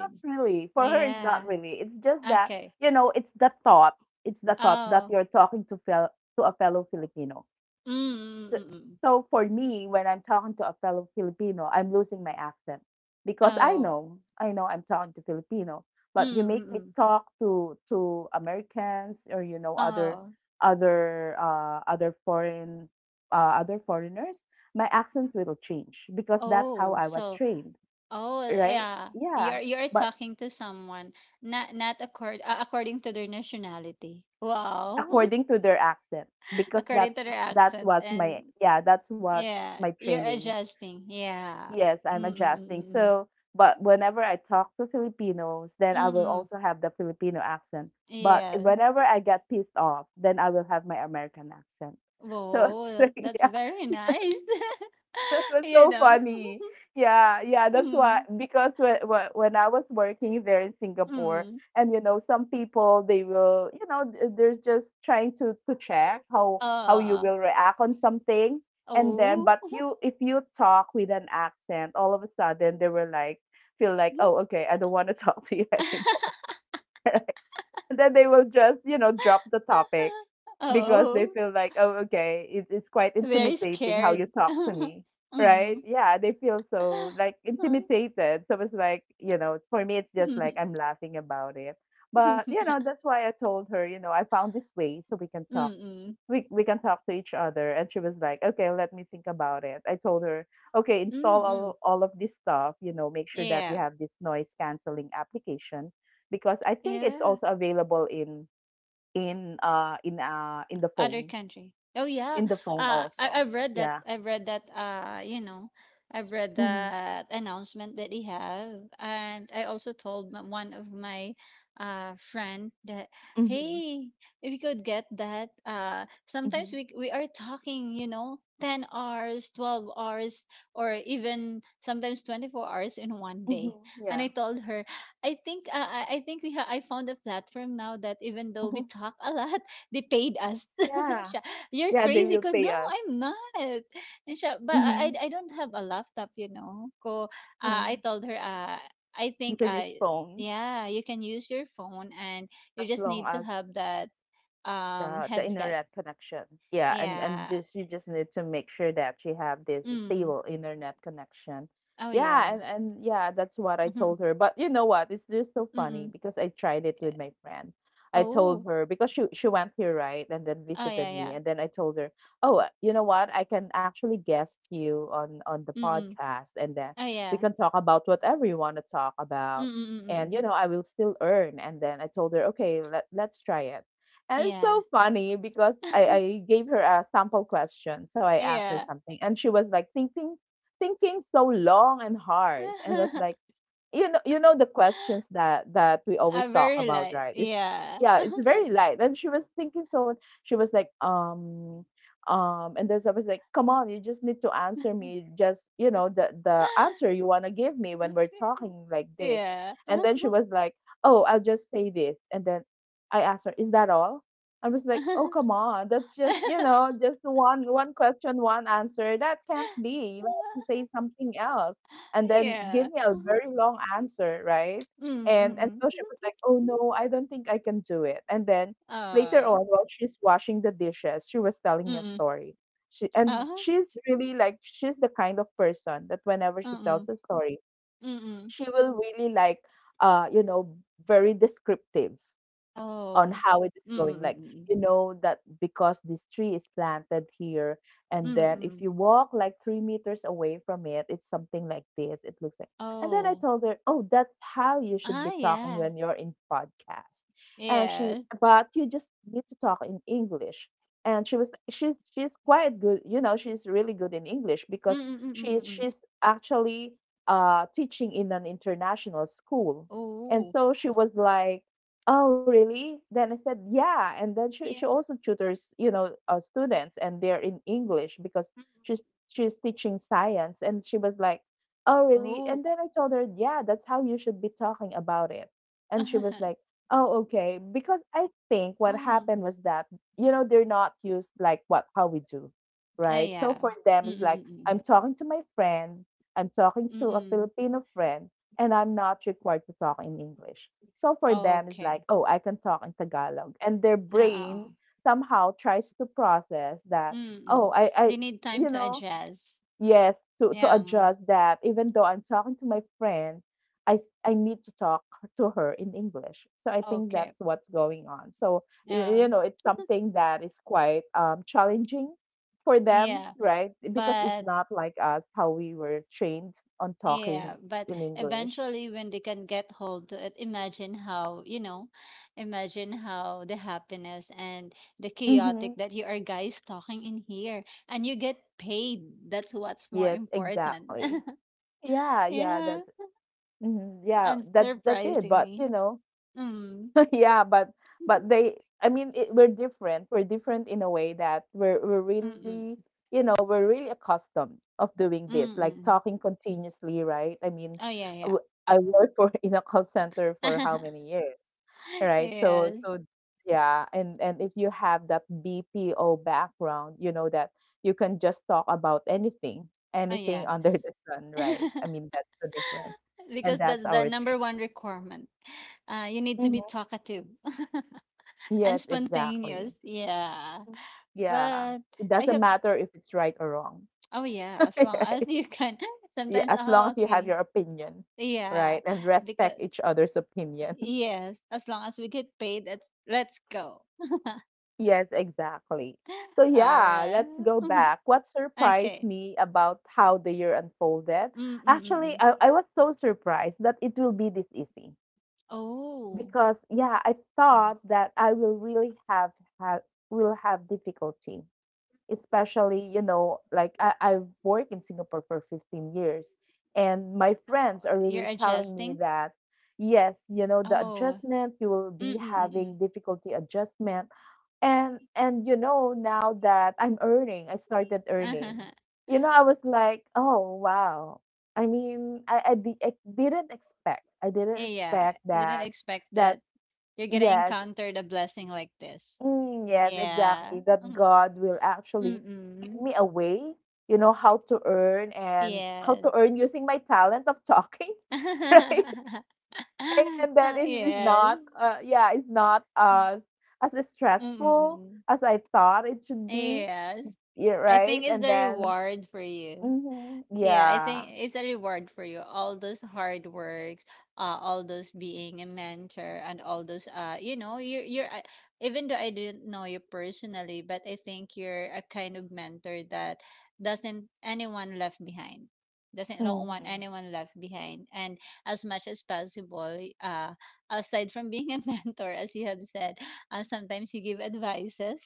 Speaker 1: not really, for her, it's
Speaker 2: Yeah.
Speaker 1: not really. It's just that,
Speaker 2: Okay.
Speaker 1: you know, it's the thought that
Speaker 2: Oh.
Speaker 1: you're talking to, to a fellow Filipino.
Speaker 2: Mm, mm,
Speaker 1: So,
Speaker 2: mm, mm.
Speaker 1: so for me, when I'm talking to a fellow Filipino, I'm losing my accent because
Speaker 2: Oh.
Speaker 1: I know I'm talking to Filipino,
Speaker 2: Mm,
Speaker 1: but you make
Speaker 2: mm,
Speaker 1: me
Speaker 2: mm.
Speaker 1: talk to Americans or, you know, other
Speaker 2: Oh.
Speaker 1: other foreign other foreigners, my accent will change because that's how
Speaker 2: Oh.
Speaker 1: I was
Speaker 2: So.
Speaker 1: trained,
Speaker 2: Oh.
Speaker 1: right?
Speaker 2: Yeah.
Speaker 1: Yeah,
Speaker 2: You're
Speaker 1: but
Speaker 2: talking to someone not accord, according to their nationality. Wow.
Speaker 1: according to their accent, because
Speaker 2: According
Speaker 1: that's
Speaker 2: to their
Speaker 1: that
Speaker 2: accent.
Speaker 1: was my,
Speaker 2: And
Speaker 1: yeah, that's what
Speaker 2: yeah,
Speaker 1: my
Speaker 2: you're
Speaker 1: training.
Speaker 2: adjusting, yeah.
Speaker 1: Yes, I'm adjusting.
Speaker 2: Mm-mm-mm-mm.
Speaker 1: So, but whenever I talk to Filipinos, then I will
Speaker 2: Mm-mm,
Speaker 1: also have the Filipino accent. But
Speaker 2: yeah.
Speaker 1: whenever I get pissed off, then I will have my American accent. So, so
Speaker 2: Whoa, that's
Speaker 1: yeah,
Speaker 2: very nice.
Speaker 1: that was
Speaker 2: You
Speaker 1: so
Speaker 2: know.
Speaker 1: funny. Yeah, yeah, that's why,
Speaker 2: Mm,
Speaker 1: because when I was working there in Singapore,
Speaker 2: mm.
Speaker 1: and you know, some people they will, you know, they're just trying to check how you
Speaker 2: Uh.
Speaker 1: will react on something, and then,
Speaker 2: Oh.
Speaker 1: but you, if you talk with an accent, all of a sudden they were like, feel like, oh, okay, I don't want to talk to you anymore, and then they will just, you know, drop the topic because they
Speaker 2: Oh,
Speaker 1: feel like, oh, okay, it's quite
Speaker 2: very
Speaker 1: intimidating how you
Speaker 2: scared.
Speaker 1: talk to me.
Speaker 2: Mm.
Speaker 1: Right, yeah, they feel so like
Speaker 2: Mm,
Speaker 1: intimidated. So it's like, you know, for me it's just like I'm laughing about it. But you know, that's why I told her, you know, I found this way so we can talk.
Speaker 2: mm,
Speaker 1: We can talk to each other. And she was like, okay, let me think about it. I told her, okay, install
Speaker 2: mm.
Speaker 1: all of this stuff, you know, make sure that you
Speaker 2: Yeah,
Speaker 1: have this noise canceling application, because I think it's
Speaker 2: yeah.
Speaker 1: also available in in the
Speaker 2: Other
Speaker 1: phone,
Speaker 2: country. Oh, yeah.
Speaker 1: in the phone also.
Speaker 2: I've read that.
Speaker 1: Yeah.
Speaker 2: I've read that. I've read
Speaker 1: Mm-hmm.
Speaker 2: that announcement that he have, and I also told one of my, friend, that
Speaker 1: Mm-hmm.
Speaker 2: hey, if you could get that.
Speaker 1: Mm-hmm.
Speaker 2: Sometimes we are talking. You know. 10 hours, 12 hours, or even sometimes 24 hours in one day.
Speaker 1: Mm-hmm.
Speaker 2: And I
Speaker 1: Yeah.
Speaker 2: told her, I think, I think we I found a platform now that even though we
Speaker 1: Mm-hmm.
Speaker 2: talk a lot, they paid us.
Speaker 1: Yeah,
Speaker 2: Siya, you're
Speaker 1: yeah, they
Speaker 2: crazy.
Speaker 1: will
Speaker 2: Ko,
Speaker 1: pay
Speaker 2: no,
Speaker 1: us.
Speaker 2: I'm not. And siya, but I, I
Speaker 1: Mm-hmm.
Speaker 2: I don't have a laptop. Ko,
Speaker 1: Mm-hmm.
Speaker 2: I told her, I
Speaker 1: You
Speaker 2: think,
Speaker 1: can use
Speaker 2: I
Speaker 1: phone,
Speaker 2: yeah, you can use your phone, and you
Speaker 1: as
Speaker 2: just
Speaker 1: long
Speaker 2: need to
Speaker 1: as
Speaker 2: have that
Speaker 1: the
Speaker 2: headset.
Speaker 1: internet connection. Yeah, and
Speaker 2: Yeah.
Speaker 1: just, you just need to make sure that you have this
Speaker 2: Mm.
Speaker 1: stable internet connection.
Speaker 2: Oh, yeah.
Speaker 1: Yeah, and yeah, that's what I
Speaker 2: Mm-hmm.
Speaker 1: told her. But you know what? It's just so funny
Speaker 2: Mm-mm.
Speaker 1: because I tried it with my friend. I told
Speaker 2: Oh.
Speaker 1: her because she went here, right, and then
Speaker 2: Oh, yeah,
Speaker 1: visited me,
Speaker 2: yeah.
Speaker 1: and then I told her, "Oh, you know what? I can actually guest you on the
Speaker 2: Mm-mm.
Speaker 1: podcast, and then
Speaker 2: Oh,
Speaker 1: we
Speaker 2: yeah.
Speaker 1: can talk about whatever you want to talk about." And you
Speaker 2: Mm-mm-mm-mm.
Speaker 1: know, I will still earn. And then I told her, "Okay, let's try it." And it's
Speaker 2: Yeah.
Speaker 1: so funny because I gave her a sample question. So I asked her
Speaker 2: Yeah.
Speaker 1: something and she was like thinking so long and hard and was like, you know the questions that we always talk
Speaker 2: Very
Speaker 1: about,
Speaker 2: light.
Speaker 1: right? It's
Speaker 2: Yeah.
Speaker 1: yeah, it's very light. And she was thinking, so she was like and then, so I was like, come on, you just need to answer me, just you know the answer you want to give me when we're talking like this.
Speaker 2: Yeah.
Speaker 1: And then she was like, oh, I'll just say this. And then I asked her, is that all? I was like, oh come on, that's just, you know, just one question, one answer. That can't be, you have to say something else and then give
Speaker 2: Yeah.
Speaker 1: me a very long answer, right?
Speaker 2: Mm,
Speaker 1: And
Speaker 2: mm.
Speaker 1: so she was like, "Oh no, I don't think I can do it." And then later
Speaker 2: Oh.
Speaker 1: on, while she's washing the dishes, she was
Speaker 2: Mm,
Speaker 1: telling me a
Speaker 2: mm.
Speaker 1: story. She and
Speaker 2: Uh-huh.
Speaker 1: she's really like, she's the kind of person that whenever
Speaker 2: Mm,
Speaker 1: she tells
Speaker 2: mm.
Speaker 1: a story,
Speaker 2: Mm, mm.
Speaker 1: she will really like, you know, very descriptive on
Speaker 2: Oh.
Speaker 1: how it is
Speaker 2: Mm, mm,
Speaker 1: going.
Speaker 2: mm,
Speaker 1: Like,
Speaker 2: mm, mm.
Speaker 1: you know, that because this tree is planted here, and
Speaker 2: Mm,
Speaker 1: then if
Speaker 2: mm.
Speaker 1: you walk like 3 meters away from it, it's something like this. It looks like. And then I
Speaker 2: Oh.
Speaker 1: told her, oh, that's how you should
Speaker 2: Ah,
Speaker 1: be talking
Speaker 2: yeah.
Speaker 1: when you're in podcast. And she,
Speaker 2: Yeah.
Speaker 1: but you just need to talk in English. And she was, she's quite good. You know, she's really good in English
Speaker 2: Mm,
Speaker 1: because
Speaker 2: mm, mm, mm,
Speaker 1: she's,
Speaker 2: mm, mm.
Speaker 1: she's actually teaching in an international school. And
Speaker 2: Oh.
Speaker 1: so she was like, oh, really? Then I said, yeah. And then she
Speaker 2: Yeah.
Speaker 1: also tutors, you know, students, and they're in English because
Speaker 2: Mm, mm.
Speaker 1: she's she's teaching science. And she was like, oh, really?
Speaker 2: Oh.
Speaker 1: And then I told her, yeah, that's how you should be talking about it. And she was like, oh, okay. Because I think what
Speaker 2: Oh.
Speaker 1: happened was that, you know, they're not used like what how we do,
Speaker 2: Ah,
Speaker 1: right? So
Speaker 2: yeah.
Speaker 1: for them,
Speaker 2: Mm,
Speaker 1: it's
Speaker 2: mm,
Speaker 1: like
Speaker 2: mm, mm.
Speaker 1: I'm talking to my friend, I'm talking
Speaker 2: Mm,
Speaker 1: to a
Speaker 2: mm.
Speaker 1: Filipino friend, and I'm not required to talk in English. So for them, it's
Speaker 2: Okay.
Speaker 1: like, oh, I can talk in Tagalog. And their
Speaker 2: Ah,
Speaker 1: brain
Speaker 2: ah,
Speaker 1: somehow tries to process that,
Speaker 2: mm-mm.
Speaker 1: oh, I
Speaker 2: They need time
Speaker 1: you
Speaker 2: to
Speaker 1: know,
Speaker 2: adjust.
Speaker 1: yes, to
Speaker 2: Yeah.
Speaker 1: adjust that even though I'm talking to my friend, I, I need to talk to her in English. So I think
Speaker 2: Okay.
Speaker 1: that's what's going on. So,
Speaker 2: Yeah.
Speaker 1: you know, it's something that is quite challenging for them,
Speaker 2: Yeah.
Speaker 1: right? Because it's
Speaker 2: But,
Speaker 1: not like us, how we were trained on talking
Speaker 2: yeah, but
Speaker 1: in English.
Speaker 2: eventually when they can get hold to it, imagine how the happiness and the chaotic
Speaker 1: Mm-hmm.
Speaker 2: that you are guys talking in here, and you get paid. That's what's more
Speaker 1: Yes,
Speaker 2: important.
Speaker 1: exactly. Yeah, yeah,
Speaker 2: Yeah.
Speaker 1: that's mhm, yeah,
Speaker 2: And
Speaker 1: that's it. But you
Speaker 2: surprisingly.
Speaker 1: know,
Speaker 2: Mm.
Speaker 1: yeah, but they I mean it, we're different. We're different in a way that we're really,
Speaker 2: Mm-mm.
Speaker 1: you know, we're really accustomed of doing this, like
Speaker 2: Mm-mm.
Speaker 1: talking continuously, right? I mean,
Speaker 2: Oh, yeah, yeah.
Speaker 1: w- I worked for in a call center for how many years, right? So
Speaker 2: Yes.
Speaker 1: so yeah, and if you have that BPO background, you know that you can just talk about anything,
Speaker 2: Oh, yeah.
Speaker 1: anything under the sun, right? I mean, that's the difference.
Speaker 2: Because
Speaker 1: And that's
Speaker 2: that's the
Speaker 1: our
Speaker 2: number one requirement. You need to
Speaker 1: mhm.
Speaker 2: be talkative and
Speaker 1: Yes, exactly.
Speaker 2: spontaneous. Yeah.
Speaker 1: Yeah,
Speaker 2: But
Speaker 1: it
Speaker 2: I
Speaker 1: doesn't
Speaker 2: hope
Speaker 1: matter if it's right or wrong,
Speaker 2: oh yeah, as long as
Speaker 1: right?
Speaker 2: you can
Speaker 1: Yeah,
Speaker 2: sometimes
Speaker 1: as long
Speaker 2: oh
Speaker 1: as you have
Speaker 2: okay.
Speaker 1: your opinion,
Speaker 2: Yeah.
Speaker 1: right? And
Speaker 2: Because
Speaker 1: respect each other's opinion.
Speaker 2: yes, as long as we get paid, let's go.
Speaker 1: Yes, exactly. So
Speaker 2: All
Speaker 1: yeah, let's
Speaker 2: right.
Speaker 1: go
Speaker 2: Mhm.
Speaker 1: back. What surprised
Speaker 2: Okay.
Speaker 1: me about how the year unfolded?
Speaker 2: Mm mm mm.
Speaker 1: Actually,
Speaker 2: mm.
Speaker 1: I was so surprised that it will be this easy
Speaker 2: Oh.
Speaker 1: because yeah, I thought
Speaker 2: Now
Speaker 1: that I will really have will have difficulty, especially you know, like I've worked in Singapore for 15 years and my friends are
Speaker 2: you're
Speaker 1: really telling me
Speaker 2: adjusting?
Speaker 1: that yes, you know, the
Speaker 2: Oh.
Speaker 1: adjustment, you will be
Speaker 2: Mm mm
Speaker 1: having
Speaker 2: mm.
Speaker 1: difficulty adjustment. And you know, now that I'm earning, I started earning,
Speaker 2: mm.
Speaker 1: you know, I was like, oh wow. I mean I didn't expect, i didn't
Speaker 2: Yeah,
Speaker 1: expect
Speaker 2: I didn't
Speaker 1: that
Speaker 2: expect
Speaker 1: that
Speaker 2: that you're gonna
Speaker 1: yes.
Speaker 2: encounter the blessing like this.
Speaker 1: Mm, yes,
Speaker 2: Yeah.
Speaker 1: exactly. That
Speaker 2: Mhm.
Speaker 1: God will actually give
Speaker 2: Mm-mm.
Speaker 1: me a way, you know, how to earn and how
Speaker 2: Yes.
Speaker 1: to earn using my talent of talking, right? Right? And that is
Speaker 2: Yes.
Speaker 1: not, yeah, it's not as as stressful
Speaker 2: Mm-mm.
Speaker 1: as I thought it should be.
Speaker 2: Yes.
Speaker 1: Yeah,
Speaker 2: I think
Speaker 1: right.
Speaker 2: it's
Speaker 1: And
Speaker 2: the
Speaker 1: then,
Speaker 2: reward for you.
Speaker 1: hmm
Speaker 2: Yeah, I
Speaker 1: yeah,
Speaker 2: think it's a reward for you. All those hard works, all those being a mentor, and all those, you know, you're even though I didn't know you personally, but I think you're a kind of mentor that doesn't anyone left behind, doesn't don't want
Speaker 1: mm-hmm,
Speaker 2: anyone left behind. And as much as possible, uh, aside from being a mentor, as you have said, sometimes you give advices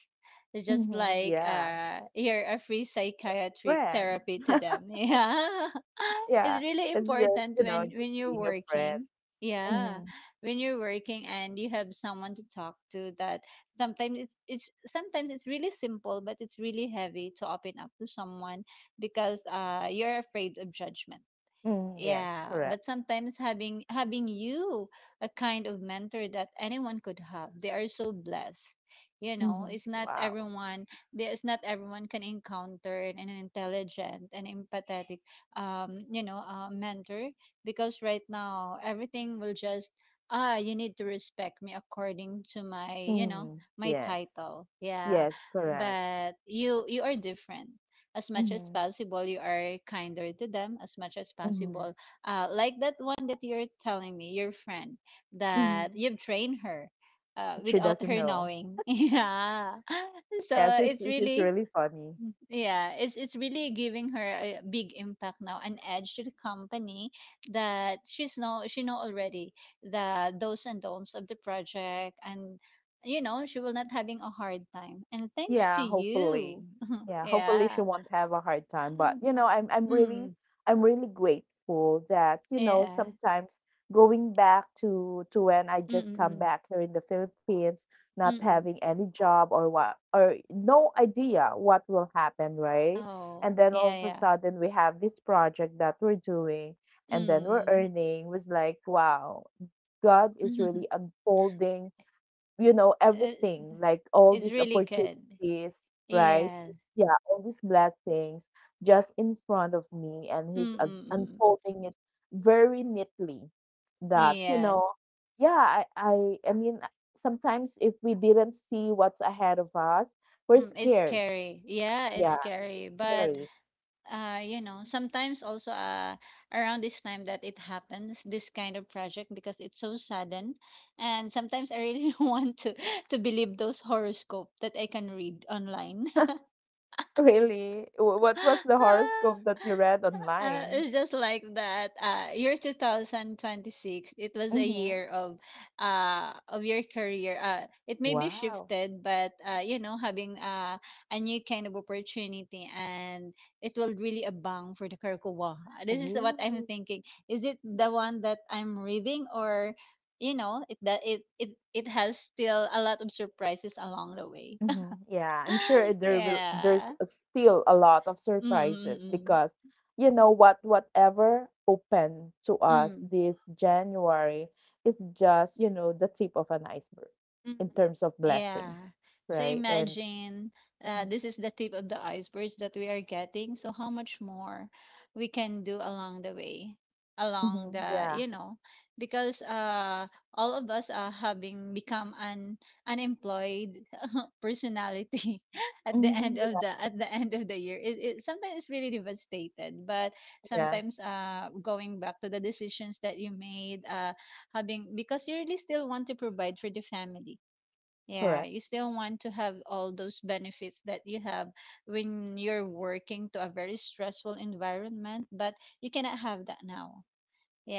Speaker 2: just
Speaker 1: hmm
Speaker 2: like
Speaker 1: yeah,
Speaker 2: you're a free psychiatric
Speaker 1: friend,
Speaker 2: therapy to them. Yeah.
Speaker 1: yeah.
Speaker 2: It's really
Speaker 1: It's just,
Speaker 2: important
Speaker 1: you know,
Speaker 2: when
Speaker 1: just
Speaker 2: you're
Speaker 1: being a friend.
Speaker 2: working. Yeah.
Speaker 1: Mm-hmm,
Speaker 2: When you're working and you have someone to talk to, that sometimes it's really simple, but it's really heavy to open up to someone because you're afraid of judgment.
Speaker 1: mm, yes,
Speaker 2: Yeah,
Speaker 1: correct.
Speaker 2: but sometimes having you, a kind of mentor that anyone could have. They are so blessed. You know,
Speaker 1: Mm-hmm.
Speaker 2: it's not
Speaker 1: Wow.
Speaker 2: everyone there. It's not everyone can encounter an intelligent and empathetic you know, mentor, because right now everything will just, ah, you need to respect me according to my, you know,
Speaker 1: Mm,
Speaker 2: my
Speaker 1: yes.
Speaker 2: title. Yeah.
Speaker 1: Yes, correct.
Speaker 2: But you are different. As much as
Speaker 1: Mm-hmm.
Speaker 2: possible you are kinder to them, as much as
Speaker 1: Mm-hmm.
Speaker 2: possible. Like that one that you're telling me, your friend that
Speaker 1: Mm-hmm.
Speaker 2: you've trained her,
Speaker 1: She
Speaker 2: without
Speaker 1: doesn't
Speaker 2: her
Speaker 1: know.
Speaker 2: knowing. Yeah. So
Speaker 1: Yeah, she's
Speaker 2: it's
Speaker 1: she's
Speaker 2: really,
Speaker 1: really funny.
Speaker 2: yeah, it's really giving her a big impact now, an edge to the company, that she's know she know already the do's and don'ts of the project. And you know she will not having a hard time, and thanks to
Speaker 1: Yeah, hopefully.
Speaker 2: you.
Speaker 1: Yeah, hopefully she
Speaker 2: Yeah.
Speaker 1: won't have a hard time. But
Speaker 2: um,
Speaker 1: you know, I'm really
Speaker 2: mm,
Speaker 1: I'm really grateful that, you know,
Speaker 2: yeah.
Speaker 1: sometimes going back to when I
Speaker 2: Mm,
Speaker 1: just
Speaker 2: mm,
Speaker 1: come
Speaker 2: mm.
Speaker 1: back here in the Philippines, not
Speaker 2: Mm.
Speaker 1: having any job or what or no idea what will happen, right?
Speaker 2: Oh,
Speaker 1: And then all
Speaker 2: yeah,
Speaker 1: of a
Speaker 2: yeah.
Speaker 1: sudden, we have this project that we're doing and then we're
Speaker 2: Mm.
Speaker 1: earning. Was like, wow, God is really unfolding, you know,
Speaker 2: It's
Speaker 1: everything, like all
Speaker 2: it's
Speaker 1: these
Speaker 2: really good.
Speaker 1: opportunities, right?
Speaker 2: Yes.
Speaker 1: Yeah, all these blessings just in front of me, and he's
Speaker 2: Mm, mm, mm.
Speaker 1: unfolding it very neatly. That, you
Speaker 2: Yes.
Speaker 1: know, yeah, I mean, sometimes if we didn't see what's ahead of us, we're
Speaker 2: Mm, it's
Speaker 1: scared.
Speaker 2: scary. Yeah, it's
Speaker 1: Yeah, it's
Speaker 2: scary. But
Speaker 1: scary.
Speaker 2: you know, sometimes also around this time that it happens, this kind of project because it's so sudden, and sometimes I really want to believe those horoscope that I can read online.
Speaker 1: Really? What was the horoscope that you read online?
Speaker 2: It's just like that. Year 2026, it was a
Speaker 1: Mm-hmm.
Speaker 2: year of your career. It may be
Speaker 1: Wow.
Speaker 2: shifted, but you know, having, a new kind of opportunity, and it will really abound for the Karkuwa. This is what I'm
Speaker 1: Ooh.
Speaker 2: thinking. Is it the one that I'm reading? Or you know, it that it has still a lot of surprises along the way.
Speaker 1: Mhm. Yeah, I'm sure there will there's
Speaker 2: Yeah.
Speaker 1: still a lot of surprises
Speaker 2: Mm-mm-mm.
Speaker 1: because, you know what, whatever opened to us
Speaker 2: Mm.
Speaker 1: this January is just, you know, the tip of an iceberg
Speaker 2: Mm.
Speaker 1: in terms of
Speaker 2: Yeah.
Speaker 1: blessings,
Speaker 2: So
Speaker 1: right? And
Speaker 2: imagine, this is the tip of the iceberg that we are getting. So how much more we can do along the way, along
Speaker 1: hmm
Speaker 2: the
Speaker 1: yeah.
Speaker 2: you know, because all of us are having become an unemployed personality at the end
Speaker 1: hmm
Speaker 2: of the year. It sometimes it's really devastated, but
Speaker 1: Yes,
Speaker 2: sometimes going back to the decisions that you made. Having because you really still want to provide for the family. Yeah,
Speaker 1: correct.
Speaker 2: you still want to have all those benefits that you have when you're working to a very stressful environment, but you cannot have that now.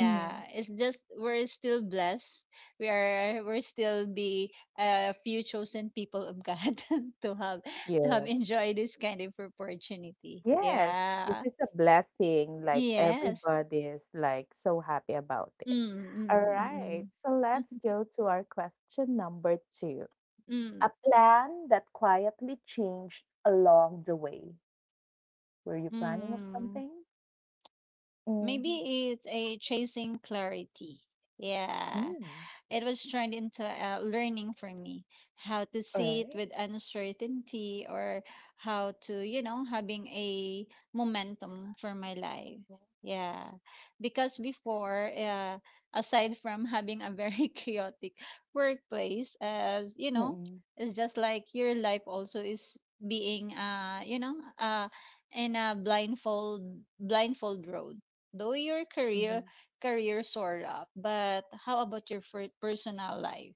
Speaker 1: Hmm
Speaker 2: it's just we're still blessed. We're still be a few chosen people of God to have to have
Speaker 1: Yeah.
Speaker 2: enjoyed this kind of opportunity.
Speaker 1: Yes, this
Speaker 2: Yeah.
Speaker 1: is a blessing. Like
Speaker 2: Yes.
Speaker 1: everybody is like so happy about it.
Speaker 2: Mm,
Speaker 1: All right,
Speaker 2: mm,
Speaker 1: so
Speaker 2: mm,
Speaker 1: let's
Speaker 2: mm.
Speaker 1: go to our question number two. A
Speaker 2: mm,
Speaker 1: plan that quietly changed along the way. Were you planning of
Speaker 2: mm.
Speaker 1: something? Mhm.
Speaker 2: Maybe it's a chasing clarity. Yeah.
Speaker 1: Mm,
Speaker 2: It was turned into a learning for me how to
Speaker 1: alright.
Speaker 2: sit with uncertainty, or how to, you know, having a momentum for my life. Yeah. Because before, aside from having a very chaotic workplace, as you know,
Speaker 1: Mm.
Speaker 2: it's just like your life also is being, you know, in a blindfold road. Though your
Speaker 1: Mhm.
Speaker 2: career career soar up, but how about your personal life?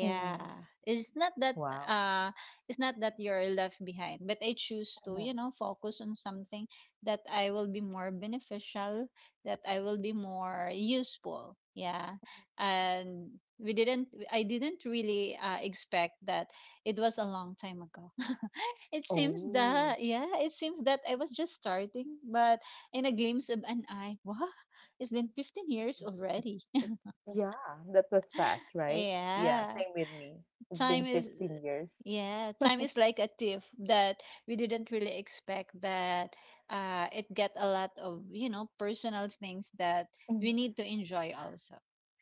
Speaker 1: Mm.
Speaker 2: It's not that
Speaker 1: Wow.
Speaker 2: uh it's not that you're left behind, but I choose to, you
Speaker 1: Mhm.
Speaker 2: know, focus on something that I will be more beneficial, that I will be more useful. Yeah. And we didn't I didn't really expect that. It was a long time ago. It seems that,
Speaker 1: Oh,
Speaker 2: yeah, it seems that I was just starting, but in a glimpse of an eye, wow, it's been 15 years
Speaker 1: it
Speaker 2: already.
Speaker 1: it mm. Yeah, that was fast, right? Yeah,
Speaker 2: Yeah,
Speaker 1: same with me. It's
Speaker 2: time
Speaker 1: been
Speaker 2: is
Speaker 1: 15 years.
Speaker 2: yeah, time is like a thief, that we didn't really expect that it get a lot of, you know, personal things that we need
Speaker 1: Mhm.
Speaker 2: to enjoy also.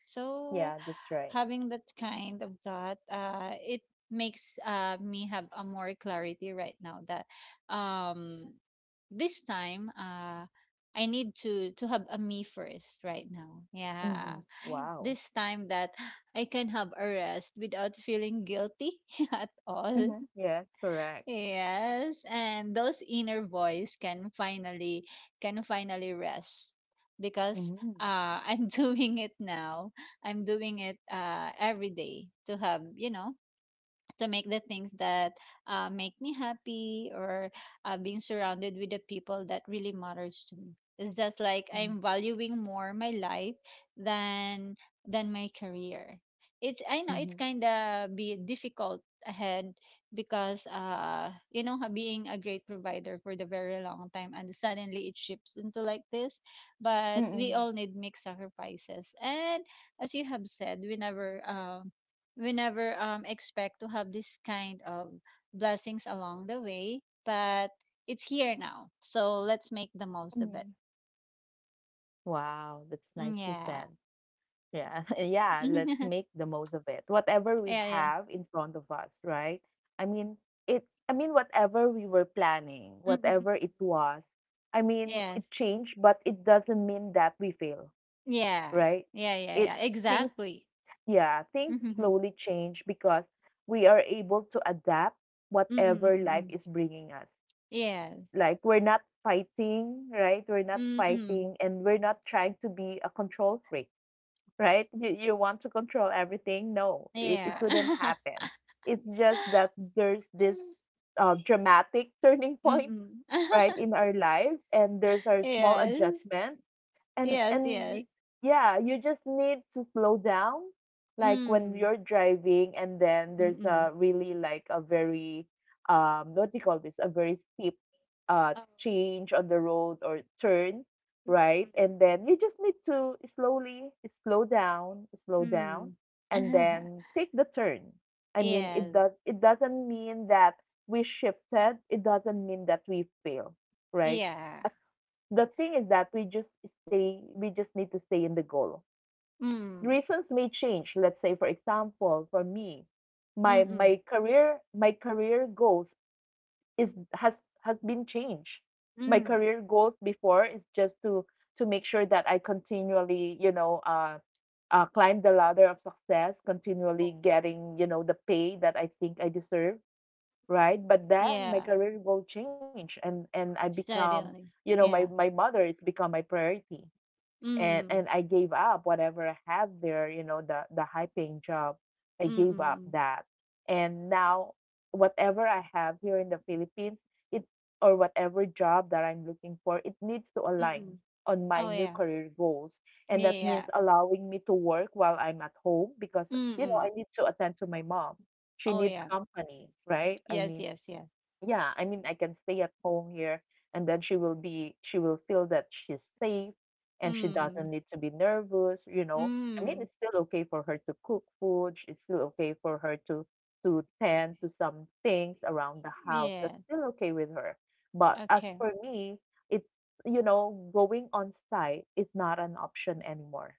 Speaker 2: So
Speaker 1: Yeah, that's right.
Speaker 2: having that kind of thought, it makes me have a more clarity right now, that um this time, I need to have a me first right now. Yeah.
Speaker 1: Mhm. Wow.
Speaker 2: This time that I can have a rest without feeling guilty at all.
Speaker 1: Mhm. Yes, correct.
Speaker 2: Yes, and those inner voice can finally rest, because
Speaker 1: Mm.
Speaker 2: I'm doing it now. I'm doing it every day to have, you know, to make the things that make me happy, or being surrounded with the people that really matters to me. It's just like I'm
Speaker 1: Mhm.
Speaker 2: valuing more my life than my career. It's, I know it's
Speaker 1: Mhm.
Speaker 2: kind of be difficult ahead, because you know, being a great provider for the very long time and suddenly it shifts into like this. But we all
Speaker 1: Mm.
Speaker 2: need make sacrifices. And as you have said, we never, expect to have this kind of blessings along the way, but it's here now. So let's make the most of
Speaker 1: Mm.
Speaker 2: it.
Speaker 1: Wow, that's
Speaker 2: Mm,
Speaker 1: nicely said.
Speaker 2: yeah.
Speaker 1: Yeah, yeah, let's make the most of it. Whatever we
Speaker 2: Yeah, yeah.
Speaker 1: have in front of us, right? I mean, it I mean whatever we were planning,
Speaker 2: Mm, mm, mm,
Speaker 1: whatever
Speaker 2: mm.
Speaker 1: it was. I mean,
Speaker 2: Yes.
Speaker 1: it changed, but it doesn't mean that we fail,
Speaker 2: Yeah.
Speaker 1: right?
Speaker 2: Yeah, yeah,
Speaker 1: It
Speaker 2: yeah.
Speaker 1: things
Speaker 2: Exactly.
Speaker 1: yeah, things
Speaker 2: Mm,
Speaker 1: slowly change because we are able to adapt
Speaker 2: mm,
Speaker 1: whatever
Speaker 2: mm,
Speaker 1: life
Speaker 2: mm.
Speaker 1: is bringing us.
Speaker 2: Yes.
Speaker 1: Like we're not fighting, right? We're not
Speaker 2: Mm, mm.
Speaker 1: fighting and we're not trying to be a control freak, right? You want to control everything. No, it
Speaker 2: Yeah.
Speaker 1: couldn't happen. It's just that there's this dramatic turning
Speaker 2: Mm,
Speaker 1: point
Speaker 2: mm.
Speaker 1: right in our life, and there's our small
Speaker 2: Yes.
Speaker 1: adjustments and
Speaker 2: Yes,
Speaker 1: and y-
Speaker 2: yes.
Speaker 1: yeah, you just need to slow down, like when
Speaker 2: Mm.
Speaker 1: you're driving and then there's a
Speaker 2: Mm-mm.
Speaker 1: really like a very what do you call this, a very steep
Speaker 2: Oh.
Speaker 1: change on the road or turn,
Speaker 2: Mm, mm,
Speaker 1: right?
Speaker 2: mm,
Speaker 1: And
Speaker 2: mm.
Speaker 1: then you just need to slowly slow down
Speaker 2: Mm.
Speaker 1: and then take the turn. I mean, it
Speaker 2: Yes.
Speaker 1: does, it doesn't mean that we shifted, it doesn't mean that we fail, right?
Speaker 2: Yeah.
Speaker 1: As- The thing is that we just stay, we just need to stay in the goal.
Speaker 2: Mm.
Speaker 1: Reasons may change. Let's say, for example, for me, my
Speaker 2: Mm-mm.
Speaker 1: my career, my career goals is has been changed. My
Speaker 2: Mm.
Speaker 1: career goals before is just to make sure that I continually, you know, climb the ladder of success, continually
Speaker 2: Oh.
Speaker 1: getting, you know, the pay that I think I deserve, right? But then my
Speaker 2: Yeah.
Speaker 1: career will change and I become,
Speaker 2: Suddenly.
Speaker 1: you know, my
Speaker 2: Yeah.
Speaker 1: my mother is become my priority. And
Speaker 2: Mm.
Speaker 1: and I gave up whatever I had there, you know, the high paying job. I gave up
Speaker 2: Mm-mm.
Speaker 1: that. And now, whatever I have here in the Philippines, it or whatever job that I'm looking for, it needs to align
Speaker 2: Mm-mm.
Speaker 1: on my
Speaker 2: Oh
Speaker 1: new
Speaker 2: yeah.
Speaker 1: career goals. And that means
Speaker 2: Yeah.
Speaker 1: allowing me to work while I'm at home because, you know,
Speaker 2: Mm-mm.
Speaker 1: I need to attend to my mom. She
Speaker 2: Oh
Speaker 1: needs
Speaker 2: yeah.
Speaker 1: company, right? I
Speaker 2: Yes,
Speaker 1: mean,
Speaker 2: yes, yes.
Speaker 1: yeah, I mean I can stay at home here and then she will feel that she's safe, and she doesn't
Speaker 2: Mm.
Speaker 1: need to be nervous, you know. I mean,
Speaker 2: Mm.
Speaker 1: it's still okay for her to cook food, it's still okay for her to tend to some things around the house, that's
Speaker 2: Yeah.
Speaker 1: still okay with her. But as
Speaker 2: Okay.
Speaker 1: for me, it's you know, going on site is not an option anymore.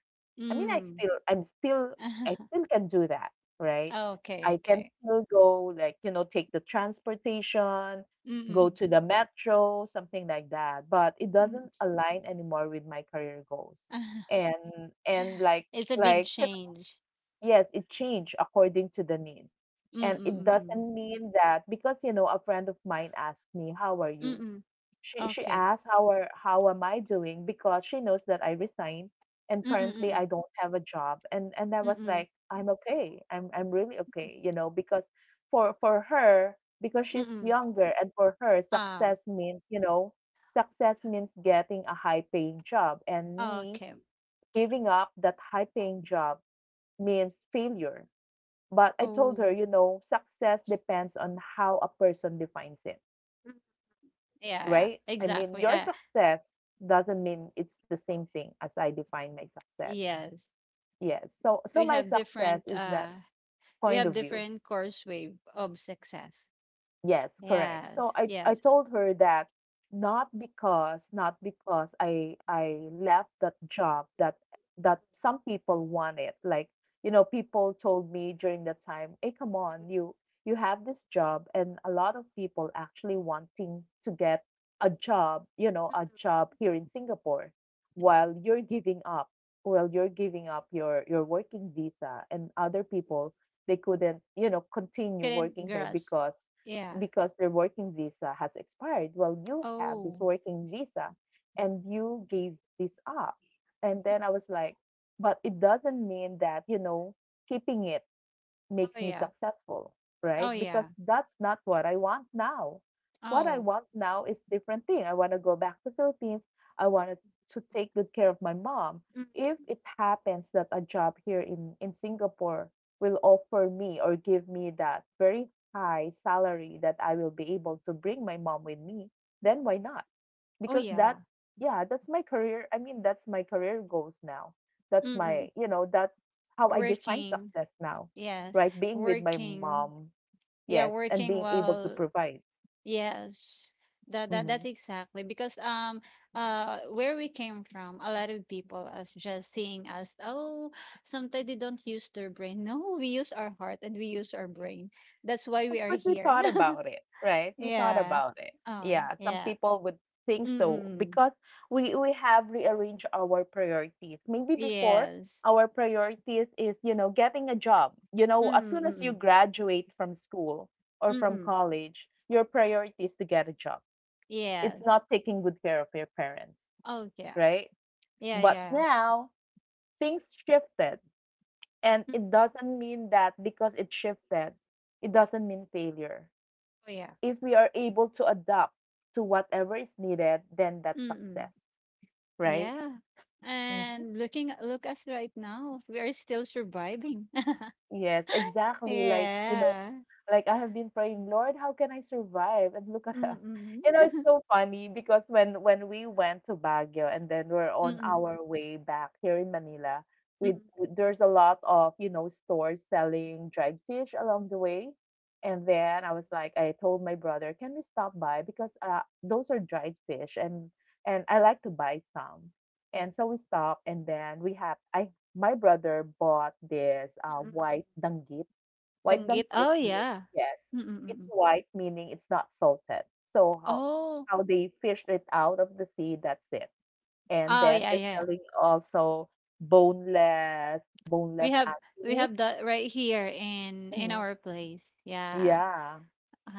Speaker 1: I mean,
Speaker 2: Mm.
Speaker 1: I'm still I still can do that, right?
Speaker 2: Okay,
Speaker 1: I can
Speaker 2: okay.
Speaker 1: still go, like, you know, take the transportation, go
Speaker 2: Mm-mm.
Speaker 1: to the metro, something like that. But it
Speaker 2: Mm.
Speaker 1: doesn't align anymore with my career goals. And
Speaker 2: It's a big
Speaker 1: like you
Speaker 2: change.
Speaker 1: know, yes, it changed according to the needs. And
Speaker 2: Mm-mm.
Speaker 1: it
Speaker 2: Mm-mm.
Speaker 1: doesn't mean that, because a friend of mine asked me, "How are you?"
Speaker 2: Mm-mm.
Speaker 1: She
Speaker 2: Okay.
Speaker 1: asked how am I doing, because she knows that I resigned and
Speaker 2: Mm-mm.
Speaker 1: currently
Speaker 2: Mm-mm.
Speaker 1: I don't have a job. And I was
Speaker 2: Mm-mm.
Speaker 1: like, I'm okay. I'm really okay, you know, because for her, because she's
Speaker 2: Mm.
Speaker 1: younger, and for her,
Speaker 2: Oh,
Speaker 1: success means getting a high paying job, and
Speaker 2: oh,
Speaker 1: me
Speaker 2: okay.
Speaker 1: giving up that high paying job means failure. But I told her,
Speaker 2: Oh.
Speaker 1: success depends on how a person defines it.
Speaker 2: Mm. Yeah, yeah,
Speaker 1: Right? I mean,
Speaker 2: exactly.
Speaker 1: your success doesn't mean it's the same thing as I define my success.
Speaker 2: Yes.
Speaker 1: Yes. So
Speaker 2: We
Speaker 1: my
Speaker 2: have
Speaker 1: success
Speaker 2: different
Speaker 1: is
Speaker 2: uh
Speaker 1: that
Speaker 2: we
Speaker 1: point
Speaker 2: have
Speaker 1: of view.
Speaker 2: different course wave of success.
Speaker 1: Yes, correct. So
Speaker 2: Yes.
Speaker 1: I
Speaker 2: Yes.
Speaker 1: told her that, not because I left that job that some people want it. Like, you know, people told me during that time, "Hey, come on, you have this job, and a lot of people actually wanting to get a job, you know, a
Speaker 2: Mm.
Speaker 1: job here in Singapore, while you're giving up, while you're giving up your working visa, and other people, they couldn't, you know, continue
Speaker 2: Couldn't
Speaker 1: working here
Speaker 2: grasp.
Speaker 1: because
Speaker 2: Yeah.
Speaker 1: their working visa has expired. Well, you have this
Speaker 2: Oh.
Speaker 1: working visa, and you gave this up." And then I was like, but it doesn't mean that, you know, keeping it makes
Speaker 2: Oh
Speaker 1: me
Speaker 2: yeah.
Speaker 1: successful, right?
Speaker 2: Oh
Speaker 1: Because
Speaker 2: yeah.
Speaker 1: that's not what I want now. What I
Speaker 2: Oh.
Speaker 1: want now is different thing. I want to go back to Philippines. I wanted to take good care of my mom.
Speaker 2: Mm.
Speaker 1: If it happens that a job here in Singapore will offer me or give me that very high salary that I will be able to bring my mom with me,
Speaker 2: Mm.
Speaker 1: then why not?
Speaker 2: Oh
Speaker 1: Because
Speaker 2: yeah.
Speaker 1: that's, yeah, that's my career. I mean, that's my career goals now. that's
Speaker 2: Mm.
Speaker 1: my you know that's how I define
Speaker 2: Working.
Speaker 1: success now.
Speaker 2: Yes.
Speaker 1: Right? Being with my mom.
Speaker 2: Working.
Speaker 1: Yes,
Speaker 2: Yeah,
Speaker 1: and being
Speaker 2: working
Speaker 1: able to
Speaker 2: while,
Speaker 1: provide.
Speaker 2: yes. That, that's
Speaker 1: Mhm.
Speaker 2: exactly because where we came from, a lot of people as just seeing us, oh, sometimes they don't use their brain. No, we use our heart and we use our brain. That's why we
Speaker 1: Of
Speaker 2: are
Speaker 1: course, we
Speaker 2: here.
Speaker 1: thought about it, right? We thought
Speaker 2: Yeah.
Speaker 1: about it.
Speaker 2: Oh,
Speaker 1: Yeah, some
Speaker 2: yeah.
Speaker 1: people would think so,
Speaker 2: Mm-mm.
Speaker 1: because we have rearranged our priorities. Maybe before,
Speaker 2: Yes.
Speaker 1: our priorities is, you know, getting a job. You know, as soon as you
Speaker 2: Mm-mm.
Speaker 1: graduate from school or from
Speaker 2: Mm-mm.
Speaker 1: college, your priority is to get a job. It's
Speaker 2: Yes.
Speaker 1: not taking good care of your parents,
Speaker 2: Oh yeah.
Speaker 1: right?
Speaker 2: Yeah,
Speaker 1: But
Speaker 2: yeah.
Speaker 1: now things shifted, and
Speaker 2: Mm,
Speaker 1: it doesn't mean that because it shifted, it doesn't mean failure.
Speaker 2: oh yeah.
Speaker 1: If we are able to adapt to whatever is needed, then that's
Speaker 2: Mm-mm.
Speaker 1: success, right?
Speaker 2: Yeah.
Speaker 1: Mhm.
Speaker 2: And looking look us right now, we are still surviving.
Speaker 1: Yes, exactly. Like, you know.
Speaker 2: Yeah.
Speaker 1: Like, I have been praying, "Lord, how can I survive?" And look at us. You know,
Speaker 2: Mm.
Speaker 1: it's so funny, because when we went to Baguio, and then we're on
Speaker 2: Mm.
Speaker 1: our way back here in Manila,
Speaker 2: Mm. Mm.
Speaker 1: there's a lot of, you know, stores selling dried fish along the way. And then I was like, I told my brother, "Can we stop by, because those are dried fish, and I like to buy some." And so we stopped, and then we had I my brother bought this white danggit. White
Speaker 2: Danggit?
Speaker 1: bangkit
Speaker 2: Oh,
Speaker 1: means,
Speaker 2: yeah.
Speaker 1: yes,
Speaker 2: Mm, mm,
Speaker 1: it's
Speaker 2: mm.
Speaker 1: white, meaning it's not salted. So how
Speaker 2: Oh.
Speaker 1: how they fished it out of the sea, that's it. And
Speaker 2: Oh,
Speaker 1: then
Speaker 2: yeah,
Speaker 1: they're
Speaker 2: yeah.
Speaker 1: selling also boneless,
Speaker 2: We
Speaker 1: boneless
Speaker 2: have
Speaker 1: anchovies.
Speaker 2: that right here in
Speaker 1: Mhm.
Speaker 2: our place. Yeah.
Speaker 1: Yeah.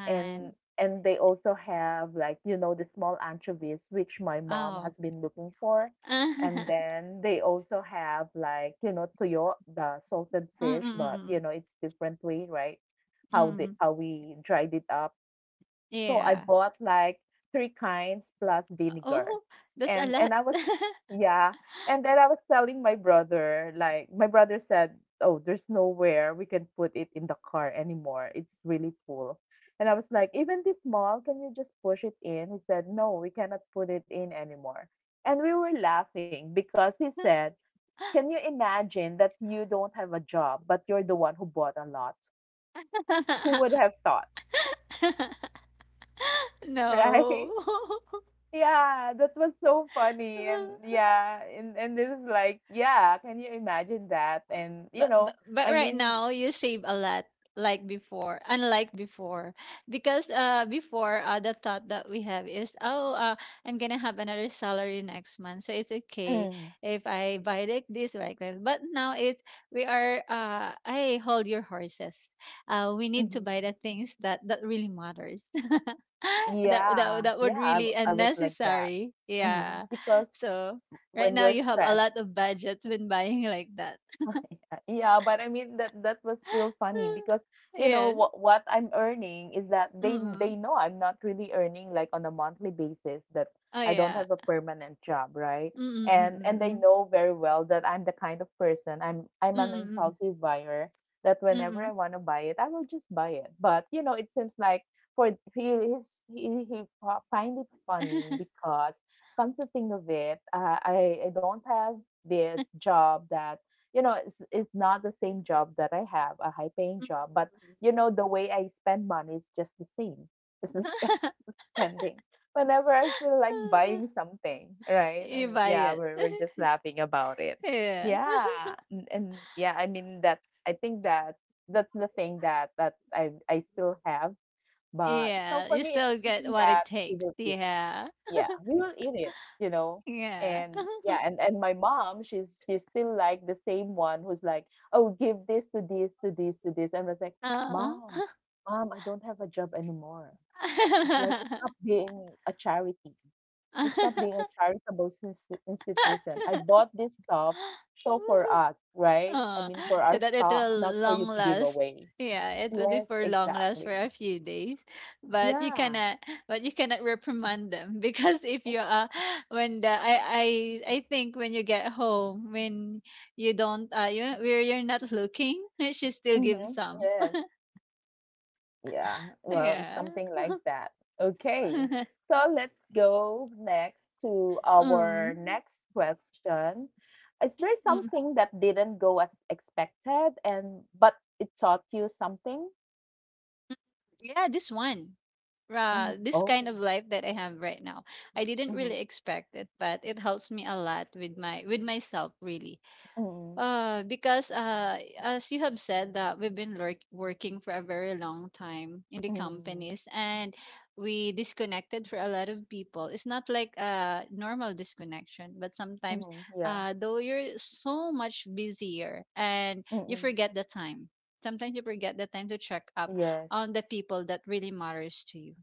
Speaker 1: And and they also have, like, you know, the small anchovies which my mom
Speaker 2: oh.
Speaker 1: has been looking for. And then they also have, like, you know, toyo, the salted
Speaker 2: Mm,
Speaker 1: fish,
Speaker 2: mm,
Speaker 1: but, you
Speaker 2: mm,
Speaker 1: know, it's different way, right?
Speaker 2: mm. Mm.
Speaker 1: How we dried it up. So I
Speaker 2: Yeah.
Speaker 1: bought like three kinds plus vinegar.
Speaker 2: Oh, that's a
Speaker 1: And
Speaker 2: lot.
Speaker 1: I was yeah. And then I was telling my brother, like my brother said, "Oh, there's nowhere we can put it in the car anymore. It's really full." And I was like, even this small, can you just push it in? He said, "No, we cannot put it in anymore." And we were laughing because he said, "Can you imagine that you don't have a job, but you're the one who bought a lot? Who would have thought?" Right?
Speaker 2: No.
Speaker 1: Yeah, that was so funny. And yeah, and it was like, yeah, can you imagine that? And you know,
Speaker 2: But
Speaker 1: I
Speaker 2: right
Speaker 1: mean,
Speaker 2: now you save a lot. Like before, unlike before because before the thought that we have is, oh, I'm gonna have another salary next month, so it's okay
Speaker 1: mm,
Speaker 2: if I buy like this like that. But now it's, we are, hey, hold your horses, we need to
Speaker 1: mhm.
Speaker 2: buy the things that really matters. that that
Speaker 1: Yeah,
Speaker 2: that would
Speaker 1: yeah,
Speaker 2: really
Speaker 1: I was like that.
Speaker 2: unnecessary. Yeah.
Speaker 1: Hmm. Because
Speaker 2: So right
Speaker 1: when
Speaker 2: now
Speaker 1: you're
Speaker 2: you have a
Speaker 1: stressed,
Speaker 2: lot of budget when buying like that.
Speaker 1: yeah, but I mean, that was still funny, because you know
Speaker 2: Yes.
Speaker 1: what I'm earning is that they
Speaker 2: Mm.
Speaker 1: know I'm not really earning like on a monthly basis, that
Speaker 2: Oh,
Speaker 1: I don't
Speaker 2: yeah.
Speaker 1: have a permanent job, right?
Speaker 2: Mm, mm,
Speaker 1: And
Speaker 2: mm,
Speaker 1: they
Speaker 2: mm.
Speaker 1: know very well that I'm the kind of person, I'm an
Speaker 2: Mm,
Speaker 1: impulsive buyer, that whenever
Speaker 2: mm.
Speaker 1: I want to buy it, I will just buy it. But, you know, it seems like, for he is he fi- find it funny, because come to think of it, I don't have this job that, you know, it's not the same job that I have a high paying
Speaker 2: Mm,
Speaker 1: job, but,
Speaker 2: mm.
Speaker 1: you know, the way I spend money is just the same. It's like, I'm still spending whenever I feel like buying something, right?
Speaker 2: You
Speaker 1: And
Speaker 2: buy
Speaker 1: yeah,
Speaker 2: it.
Speaker 1: we're just laughing about it.
Speaker 2: Yeah.
Speaker 1: Yeah. And yeah, I mean, that I think that that's the thing, that I still have. But you know,
Speaker 2: Yeah,
Speaker 1: for
Speaker 2: you
Speaker 1: me,
Speaker 2: still
Speaker 1: it's something
Speaker 2: get what
Speaker 1: that
Speaker 2: it
Speaker 1: you
Speaker 2: takes.
Speaker 1: will eat.
Speaker 2: Yeah.
Speaker 1: Yeah, we will eat it, you know?
Speaker 2: Yeah.
Speaker 1: And yeah, and my mom, she's still like the same one who's like, "Oh, give this to this, to this, to this." And I was like,
Speaker 2: Uh-huh.
Speaker 1: "Mom, mom, I don't have a job anymore. It's like, it's not being a charity. It's not being a charitable institution. I bought this stuff so for us, right? I
Speaker 2: Oh,
Speaker 1: mean, for
Speaker 2: so
Speaker 1: our
Speaker 2: that it
Speaker 1: stock, not
Speaker 2: will
Speaker 1: for you
Speaker 2: long
Speaker 1: to give
Speaker 2: last.
Speaker 1: away."
Speaker 2: Yeah, it will be
Speaker 1: Yes,
Speaker 2: for long last for
Speaker 1: exactly.
Speaker 2: a few days, but you
Speaker 1: Yeah.
Speaker 2: cannot, reprimand them. Because if you when the I think when you get home, when you don't you where you're not looking, she still gives
Speaker 1: Mm-hmm.
Speaker 2: some.
Speaker 1: Yes. Yeah, well, it's
Speaker 2: Yeah.
Speaker 1: something like that. Okay, so let's go next to
Speaker 2: um
Speaker 1: our next question. Is there
Speaker 2: mm.
Speaker 1: something that didn't go as expected, and but it taught you something?
Speaker 2: Yeah, this one.
Speaker 1: Mhm.
Speaker 2: This kind
Speaker 1: Oh.
Speaker 2: of life that I have right now. I didn't
Speaker 1: Mm-hmm.
Speaker 2: really expect it, but it helps me a lot with my with myself really.
Speaker 1: Mm-hmm.
Speaker 2: Because as you have said that we've been working for a very long time in the
Speaker 1: Mm-hmm.
Speaker 2: companies, and we disconnected for a lot of people. It's not like a normal disconnection, but sometimes
Speaker 1: Mm-hmm. Yeah.
Speaker 2: though you're so much busier and you
Speaker 1: Mm-mm.
Speaker 2: forget the time. Sometimes you forget the time to check up
Speaker 1: Yes,
Speaker 2: on the people that really matters to you.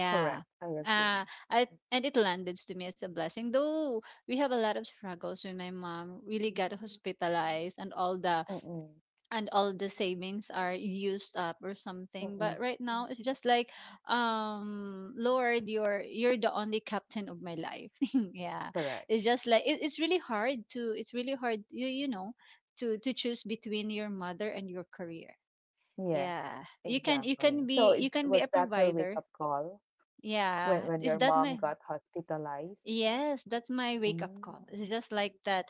Speaker 1: correct. I agree.
Speaker 2: Uh, and it landed to me as a blessing, though we have a lot of struggles when my mom really got hospitalized
Speaker 1: Mm-mm.
Speaker 2: and all the savings are used up or something.
Speaker 1: Mm-mm.
Speaker 2: But right now it's just like, Lord, you're the only captain of my life. Yeah,
Speaker 1: Correct.
Speaker 2: it's just like it's really hard to it's really hard you know to choose between your mother and your career.
Speaker 1: Yes,
Speaker 2: Yeah, you can you
Speaker 1: exactly.
Speaker 2: can
Speaker 1: So
Speaker 2: be
Speaker 1: is
Speaker 2: you can
Speaker 1: was
Speaker 2: be a
Speaker 1: that your wake up
Speaker 2: provider,
Speaker 1: call,
Speaker 2: yeah,
Speaker 1: when
Speaker 2: is
Speaker 1: your
Speaker 2: that
Speaker 1: mom
Speaker 2: my
Speaker 1: got hospitalized?
Speaker 2: yes, that's my wake up
Speaker 1: Hmm,
Speaker 2: call. It's just like that.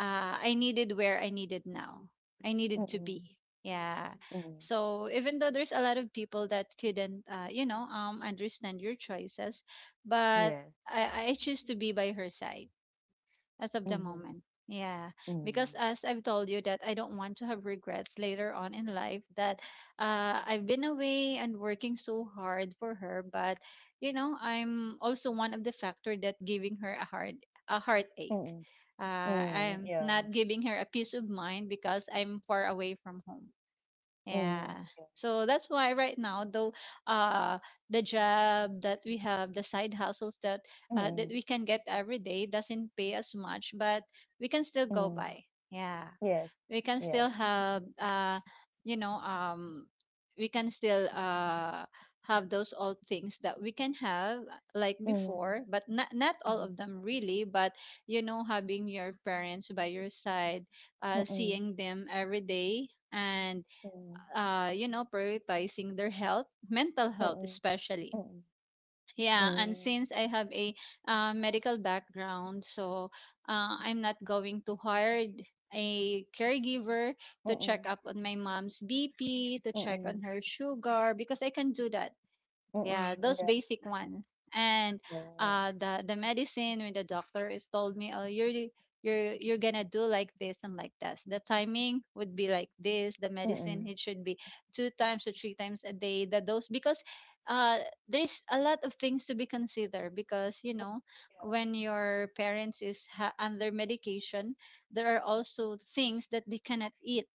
Speaker 2: I needed now. I needed to
Speaker 1: mm,
Speaker 2: be. Yeah.
Speaker 1: mm,
Speaker 2: So even though there's a lot of people that couldn't, understand your choices, but
Speaker 1: yes,
Speaker 2: I choose to be by her side as of the
Speaker 1: mhm,
Speaker 2: moment. Yeah, because
Speaker 1: mm,
Speaker 2: as I've told you that I don't want to have regrets later on in life that I've been away and working so hard for her, but you know I'm also one of the factor that giving her a heart, a heartache.
Speaker 1: mm, mm,
Speaker 2: I'm
Speaker 1: yeah,
Speaker 2: not giving her a peace of mind because I'm far away from home.
Speaker 1: mm,
Speaker 2: Yeah.
Speaker 1: yeah,
Speaker 2: So that's why right now, though, uh, the job that we have, the side hustles that that
Speaker 1: mm,
Speaker 2: we can get every day doesn't pay as much, but we can still go
Speaker 1: mm,
Speaker 2: by. Yeah,
Speaker 1: yes,
Speaker 2: we can
Speaker 1: yes,
Speaker 2: still have, you know, um, we can still have those old things that we can have like
Speaker 1: mhm,
Speaker 2: before, but not all of
Speaker 1: mhm,
Speaker 2: them really. But you know, having your parents by your side,
Speaker 1: mm,
Speaker 2: seeing them every day and
Speaker 1: mm,
Speaker 2: you know, prioritizing their health, mental health
Speaker 1: mm,
Speaker 2: especially.
Speaker 1: mm,
Speaker 2: Yeah, and
Speaker 1: mm,
Speaker 2: since I have a medical background, so I'm not going to hire a caregiver to check
Speaker 1: mm,
Speaker 2: up on my mom's BP, to check on
Speaker 1: mm,
Speaker 2: her sugar, because I can do that. Yeah, those
Speaker 1: mm, yeah,
Speaker 2: basic ones. And
Speaker 1: oh,
Speaker 2: the medicine, when the doctor is told me, "Oh, you're you're gonna do like this and like that." The timing would be like this. The
Speaker 1: mm,
Speaker 2: medicine, it
Speaker 1: mm,
Speaker 2: should be two times or three times a day. The dose, because uh there's a lot of things to be considered because you know when your parents is under medication, there are also things that they cannot eat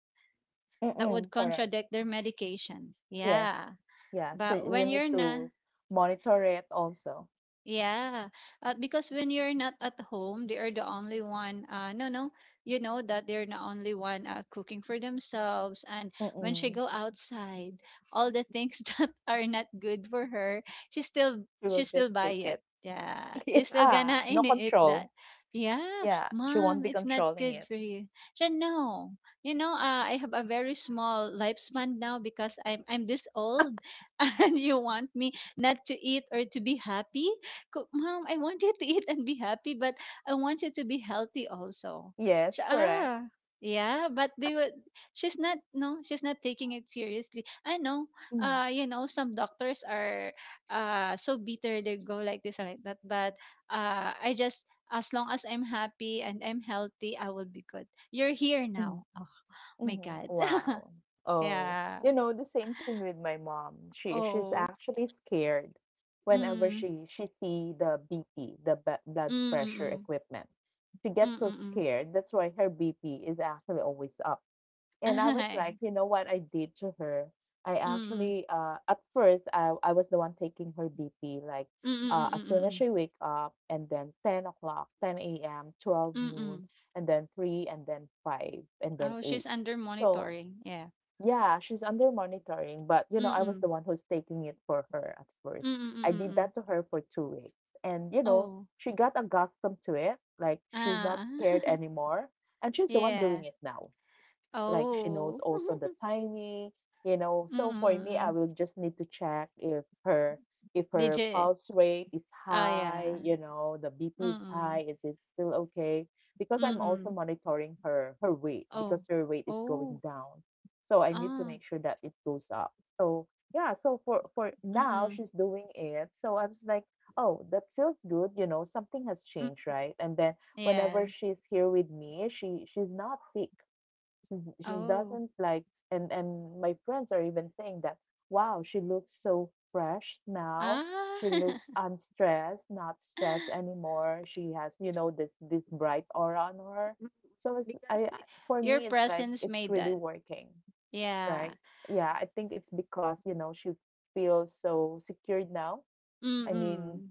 Speaker 1: yeah,
Speaker 2: that would
Speaker 1: mm, correct,
Speaker 2: contradict their medications,
Speaker 1: yes,
Speaker 2: yeah,
Speaker 1: yeah. So
Speaker 2: but
Speaker 1: you
Speaker 2: when
Speaker 1: need
Speaker 2: you're not.
Speaker 1: to monitor it also.
Speaker 2: Yeah, because when you're not at home, they are the only one. No, no, you know that they're the only one cooking for themselves. And when she
Speaker 1: Mm-mm.
Speaker 2: go outside, all the things that are not good for her,
Speaker 1: You
Speaker 2: she
Speaker 1: will
Speaker 2: still
Speaker 1: just
Speaker 2: buy
Speaker 1: take
Speaker 2: it.
Speaker 1: it.
Speaker 2: Yeah, she's still
Speaker 1: Yeah,
Speaker 2: gonna
Speaker 1: no
Speaker 2: eat that.
Speaker 1: control.
Speaker 2: Yeah,
Speaker 1: Yeah, she won't
Speaker 2: mom,
Speaker 1: be
Speaker 2: it's not
Speaker 1: controlling
Speaker 2: good
Speaker 1: it.
Speaker 2: for you. She said, no, you know, I have a very small lifespan now because I'm this old, and you want me not to eat or to be happy? Ko, "Mom, I want you to eat and be happy, but I want you to be healthy also."
Speaker 1: Yes,
Speaker 2: Siya,
Speaker 1: correct.
Speaker 2: "Ah, yeah," but they would, she's not no, she's not taking it seriously. I know,
Speaker 1: Mm,
Speaker 2: you know, some doctors are, so bitter, they go like this and like that, but I just, as long as I'm happy and I'm healthy, I will be good. You're here
Speaker 1: mm,
Speaker 2: now. Oh my
Speaker 1: mhm.
Speaker 2: God.
Speaker 1: Wow. Oh,
Speaker 2: Yeah.
Speaker 1: you know, the same thing with my mom. She's
Speaker 2: Oh.
Speaker 1: actually scared whenever
Speaker 2: Mm.
Speaker 1: she see the BP, the blood
Speaker 2: Mm, mm,
Speaker 1: pressure
Speaker 2: mm.
Speaker 1: equipment. She gets
Speaker 2: Mm,
Speaker 1: so
Speaker 2: mm, mm.
Speaker 1: scared. That's why her BP is actually always up. And I was like, you know what I did to her? I
Speaker 2: Mm, mm,
Speaker 1: actually, at first, I was the one taking her BP, like,
Speaker 2: mm, mm,
Speaker 1: as soon
Speaker 2: mm,
Speaker 1: as
Speaker 2: mm.
Speaker 1: she wake up, and then 10 o'clock, 10 a.m., 12 noon,
Speaker 2: Mm.
Speaker 1: and then 3, and then 5, and then
Speaker 2: Oh, she's
Speaker 1: 8.
Speaker 2: under
Speaker 1: So,
Speaker 2: monitoring. Yeah.
Speaker 1: yeah, she's under monitoring, but, you know, I was
Speaker 2: Mm.
Speaker 1: the one who's taking it for her at first.
Speaker 2: Mm, mm,
Speaker 1: I
Speaker 2: mm,
Speaker 1: did
Speaker 2: mm.
Speaker 1: that to her for 2 weeks. And, you know,
Speaker 2: Oh.
Speaker 1: she got accustomed to it. Like, she's not
Speaker 2: Ah.
Speaker 1: scared anymore. And she's the one
Speaker 2: Yeah.
Speaker 1: doing it now, like she knows
Speaker 2: Oh.
Speaker 1: also the timing.
Speaker 2: Mm,
Speaker 1: So for me,
Speaker 2: mm,
Speaker 1: I will
Speaker 2: mm.
Speaker 1: just need to check if her
Speaker 2: Did you?
Speaker 1: pulse rate is
Speaker 2: Ah,
Speaker 1: high,
Speaker 2: yeah.
Speaker 1: you know, the BP is
Speaker 2: Mm.
Speaker 1: high, is it still okay? Because I'm also
Speaker 2: Mm.
Speaker 1: monitoring her weight, because
Speaker 2: Oh.
Speaker 1: her weight is going
Speaker 2: Oh.
Speaker 1: down. So I need to
Speaker 2: Ah.
Speaker 1: make sure that it goes up. So yeah, so for now
Speaker 2: Mm.
Speaker 1: she's doing it. So I was like, oh, that feels good, you know, something has changed,
Speaker 2: Mm.
Speaker 1: right? And then whenever
Speaker 2: Yes.
Speaker 1: she's here with me, she's not sick. She
Speaker 2: Oh.
Speaker 1: doesn't, like, and my friends are even saying that, wow, she looks so fresh now.
Speaker 2: Ah.
Speaker 1: She looks unstressed, not stressed anymore. She has, you know, this bright aura on her.
Speaker 2: Mm,
Speaker 1: So it's,
Speaker 2: because
Speaker 1: for
Speaker 2: your
Speaker 1: me, it's like
Speaker 2: presence
Speaker 1: it's
Speaker 2: made
Speaker 1: really
Speaker 2: that.
Speaker 1: working,
Speaker 2: Yeah.
Speaker 1: right? Yeah, I think it's because, you know, she feels so secured now.
Speaker 2: Mm,
Speaker 1: I mean,
Speaker 2: mm.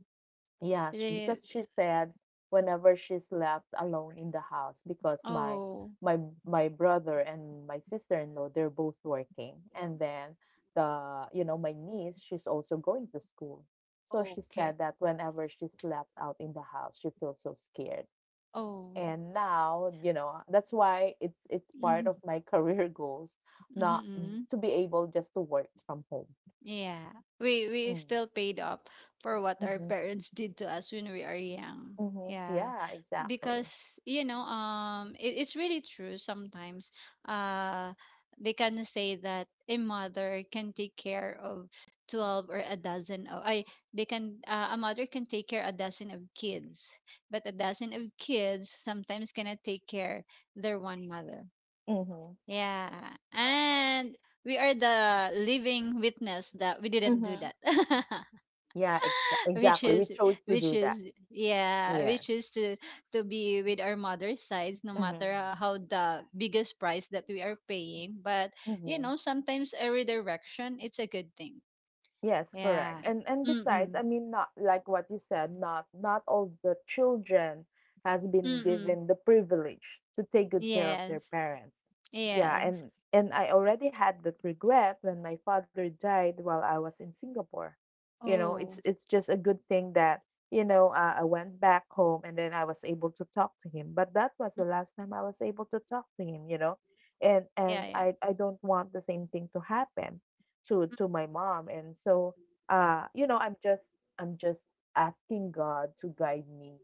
Speaker 1: yeah,
Speaker 2: Re-
Speaker 1: because she said, whenever she's left alone in the house, because
Speaker 2: Oh.
Speaker 1: my my brother and my sister-in-law, they're both working, and then the you know my niece, she's also going to school. So she
Speaker 2: Okay.
Speaker 1: said that whenever she's left out in the house, she feels so scared.
Speaker 2: Oh.
Speaker 1: And now, you know, that's why it's part
Speaker 2: Mhm,
Speaker 1: of my career goals,
Speaker 2: mhm,
Speaker 1: not
Speaker 2: mhm.
Speaker 1: to be able just to work from home.
Speaker 2: Yeah. We
Speaker 1: Mm-hmm.
Speaker 2: still paid up for what our parents did to us when we are young.
Speaker 1: Mm-hmm.
Speaker 2: Yeah.
Speaker 1: Yeah, exactly.
Speaker 2: Because, you know, it's really true sometimes. Uh they can say that a mother can take care of 12, or a dozen of, I, they can, a mother can take care a dozen of kids, but a dozen of kids sometimes cannot take care their one mother.
Speaker 1: Mm-hmm.
Speaker 2: Yeah. And we are the living witness that we didn't do
Speaker 1: Mm-hmm.
Speaker 2: that.
Speaker 1: Yeah,
Speaker 2: which
Speaker 1: exactly. We
Speaker 2: is
Speaker 1: chose to
Speaker 2: which
Speaker 1: do that.
Speaker 2: is, yeah,
Speaker 1: Yes.
Speaker 2: which is to be with our mother's sides no matter
Speaker 1: Mm-hmm.
Speaker 2: how the biggest price that we are paying, but you
Speaker 1: Mm-hmm.
Speaker 2: know, sometimes a redirection it's a good thing.
Speaker 1: Yes, correct.
Speaker 2: Yeah.
Speaker 1: And besides,
Speaker 2: Mm-mm.
Speaker 1: I mean, not like what you said, not all the children has been
Speaker 2: Mm-mm.
Speaker 1: given the privilege to take good care of
Speaker 2: Yes.
Speaker 1: their parents. Yeah,
Speaker 2: Yes.
Speaker 1: and I already had that regret when my father died while I was in Singapore. You know, it's
Speaker 2: Oh.
Speaker 1: it's just a good thing that, you know, I went back home and then I was able to talk to him. But that was
Speaker 2: Mm.
Speaker 1: the last time I was able to talk to him. And
Speaker 2: Yeah,
Speaker 1: and
Speaker 2: yeah,
Speaker 1: I don't want the same thing to happen to my mom, and so uh you know i'm just I'm just asking God to guide me,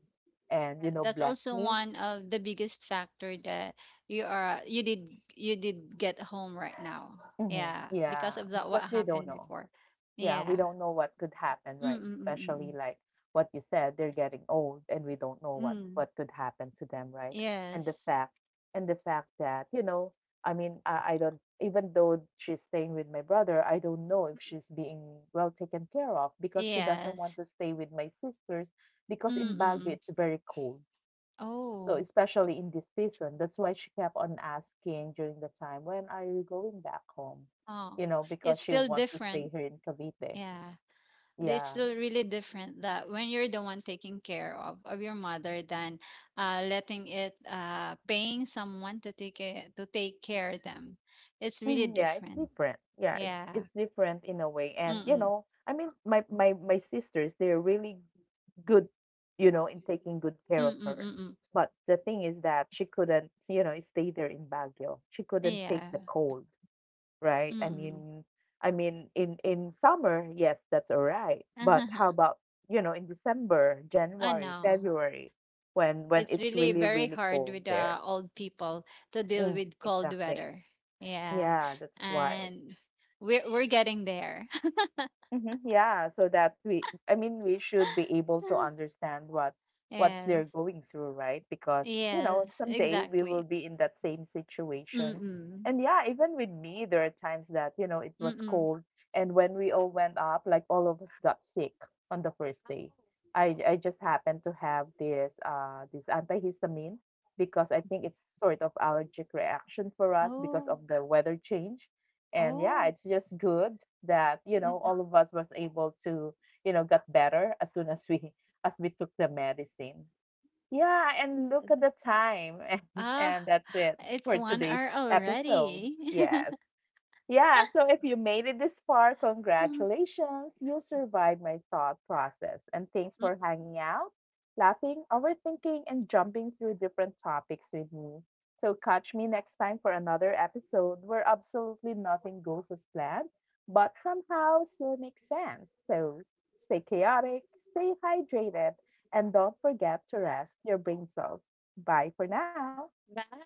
Speaker 1: and,
Speaker 2: that's
Speaker 1: bless
Speaker 2: also
Speaker 1: me.
Speaker 2: one of the biggest factor that you are you did you did get home right now,
Speaker 1: Hmm,
Speaker 2: yeah, because
Speaker 1: yeah,
Speaker 2: of that what
Speaker 1: because we don't
Speaker 2: happened
Speaker 1: know.
Speaker 2: before,
Speaker 1: Yeah, we
Speaker 2: yeah.
Speaker 1: don't know what could happen,
Speaker 2: Mm,
Speaker 1: right?
Speaker 2: mm, mm, mm, mm.
Speaker 1: Especially like what you said, they're getting old, and we don't know what
Speaker 2: Mm.
Speaker 1: what could happen to them, right? And
Speaker 2: Yes.
Speaker 1: the fact that, you know, I mean, I don't, even though she's staying with my brother, I don't know if she's being well taken care of, because she doesn't
Speaker 2: Yes.
Speaker 1: want to stay with my sisters,
Speaker 2: Mm,
Speaker 1: because in
Speaker 2: mm,
Speaker 1: Baguio
Speaker 2: mm.
Speaker 1: it's very cold. So
Speaker 2: Oh.
Speaker 1: especially in this season, that's why she kept on asking during the time, "When are you going back home?"
Speaker 2: Oh.
Speaker 1: You know, because
Speaker 2: It's
Speaker 1: she
Speaker 2: still
Speaker 1: wants to stay
Speaker 2: different,
Speaker 1: here in Cavite.
Speaker 2: yeah, it's
Speaker 1: Yeah.
Speaker 2: still really different that when you're the one taking care of your mother than letting it paying someone to to take care of them, it's really
Speaker 1: Mhm. Yeah, it's
Speaker 2: different.
Speaker 1: different. Yeah, it's
Speaker 2: Yeah.
Speaker 1: it's different in a way. And you
Speaker 2: Mm-mm.
Speaker 1: know, I mean, my sisters, they're really good, you know, in taking good care of
Speaker 2: Mm-mm.
Speaker 1: her.
Speaker 2: Mm-mm.
Speaker 1: But the thing is that she couldn't, you know, stay there in Baguio. She couldn't take
Speaker 2: Yeah.
Speaker 1: the cold, right? I
Speaker 2: Mm-mm.
Speaker 1: mean, I mean in summer, yes, that's all right. But how about, you know, in December,
Speaker 2: I
Speaker 1: January,
Speaker 2: know,
Speaker 1: February, when
Speaker 2: it's
Speaker 1: it's
Speaker 2: really
Speaker 1: really
Speaker 2: very
Speaker 1: really
Speaker 2: hard
Speaker 1: cold
Speaker 2: with
Speaker 1: there?
Speaker 2: old people to deal
Speaker 1: Mm,
Speaker 2: with cold
Speaker 1: exactly.
Speaker 2: weather. Yeah.
Speaker 1: Yeah, that's why.
Speaker 2: And we're getting there.
Speaker 1: Mhm, yeah, so that we, I mean, we should be able to understand what's
Speaker 2: Yes.
Speaker 1: they're going through, right? Because, you know,
Speaker 2: Yes,
Speaker 1: someday we will
Speaker 2: exactly.
Speaker 1: be in that same situation.
Speaker 2: Mm,
Speaker 1: And yeah, even with me, there are times that, you know, it was
Speaker 2: mm.
Speaker 1: cold, and when we all went up, like all of us got sick on the first day. I
Speaker 2: Oh,
Speaker 1: I just happened to have this antihistamine, because I think it's sort of allergic reaction for us because
Speaker 2: oh. Oh,
Speaker 1: of the weather change. And yeah,
Speaker 2: oh.
Speaker 1: it's just good that, you
Speaker 2: Mm,
Speaker 1: know,
Speaker 2: mm.
Speaker 1: all of us was able to, you know, got better as soon as we as we took the medicine. Yeah, and look at the time.
Speaker 2: Ah,
Speaker 1: And that's it
Speaker 2: it's
Speaker 1: for
Speaker 2: one
Speaker 1: today's
Speaker 2: hour
Speaker 1: episode.
Speaker 2: already.
Speaker 1: Yes. Yeah, so if you made it this far,
Speaker 2: Mm.
Speaker 1: congratulations. You survived my thought process. And thanks for hanging out, laughing, overthinking, and jumping through different topics with me. So catch me next time for another episode where absolutely nothing goes as planned, but somehow still makes sense. So stay chaotic, stay hydrated, and don't forget to rest your brain cells. Bye for now.
Speaker 2: Bye.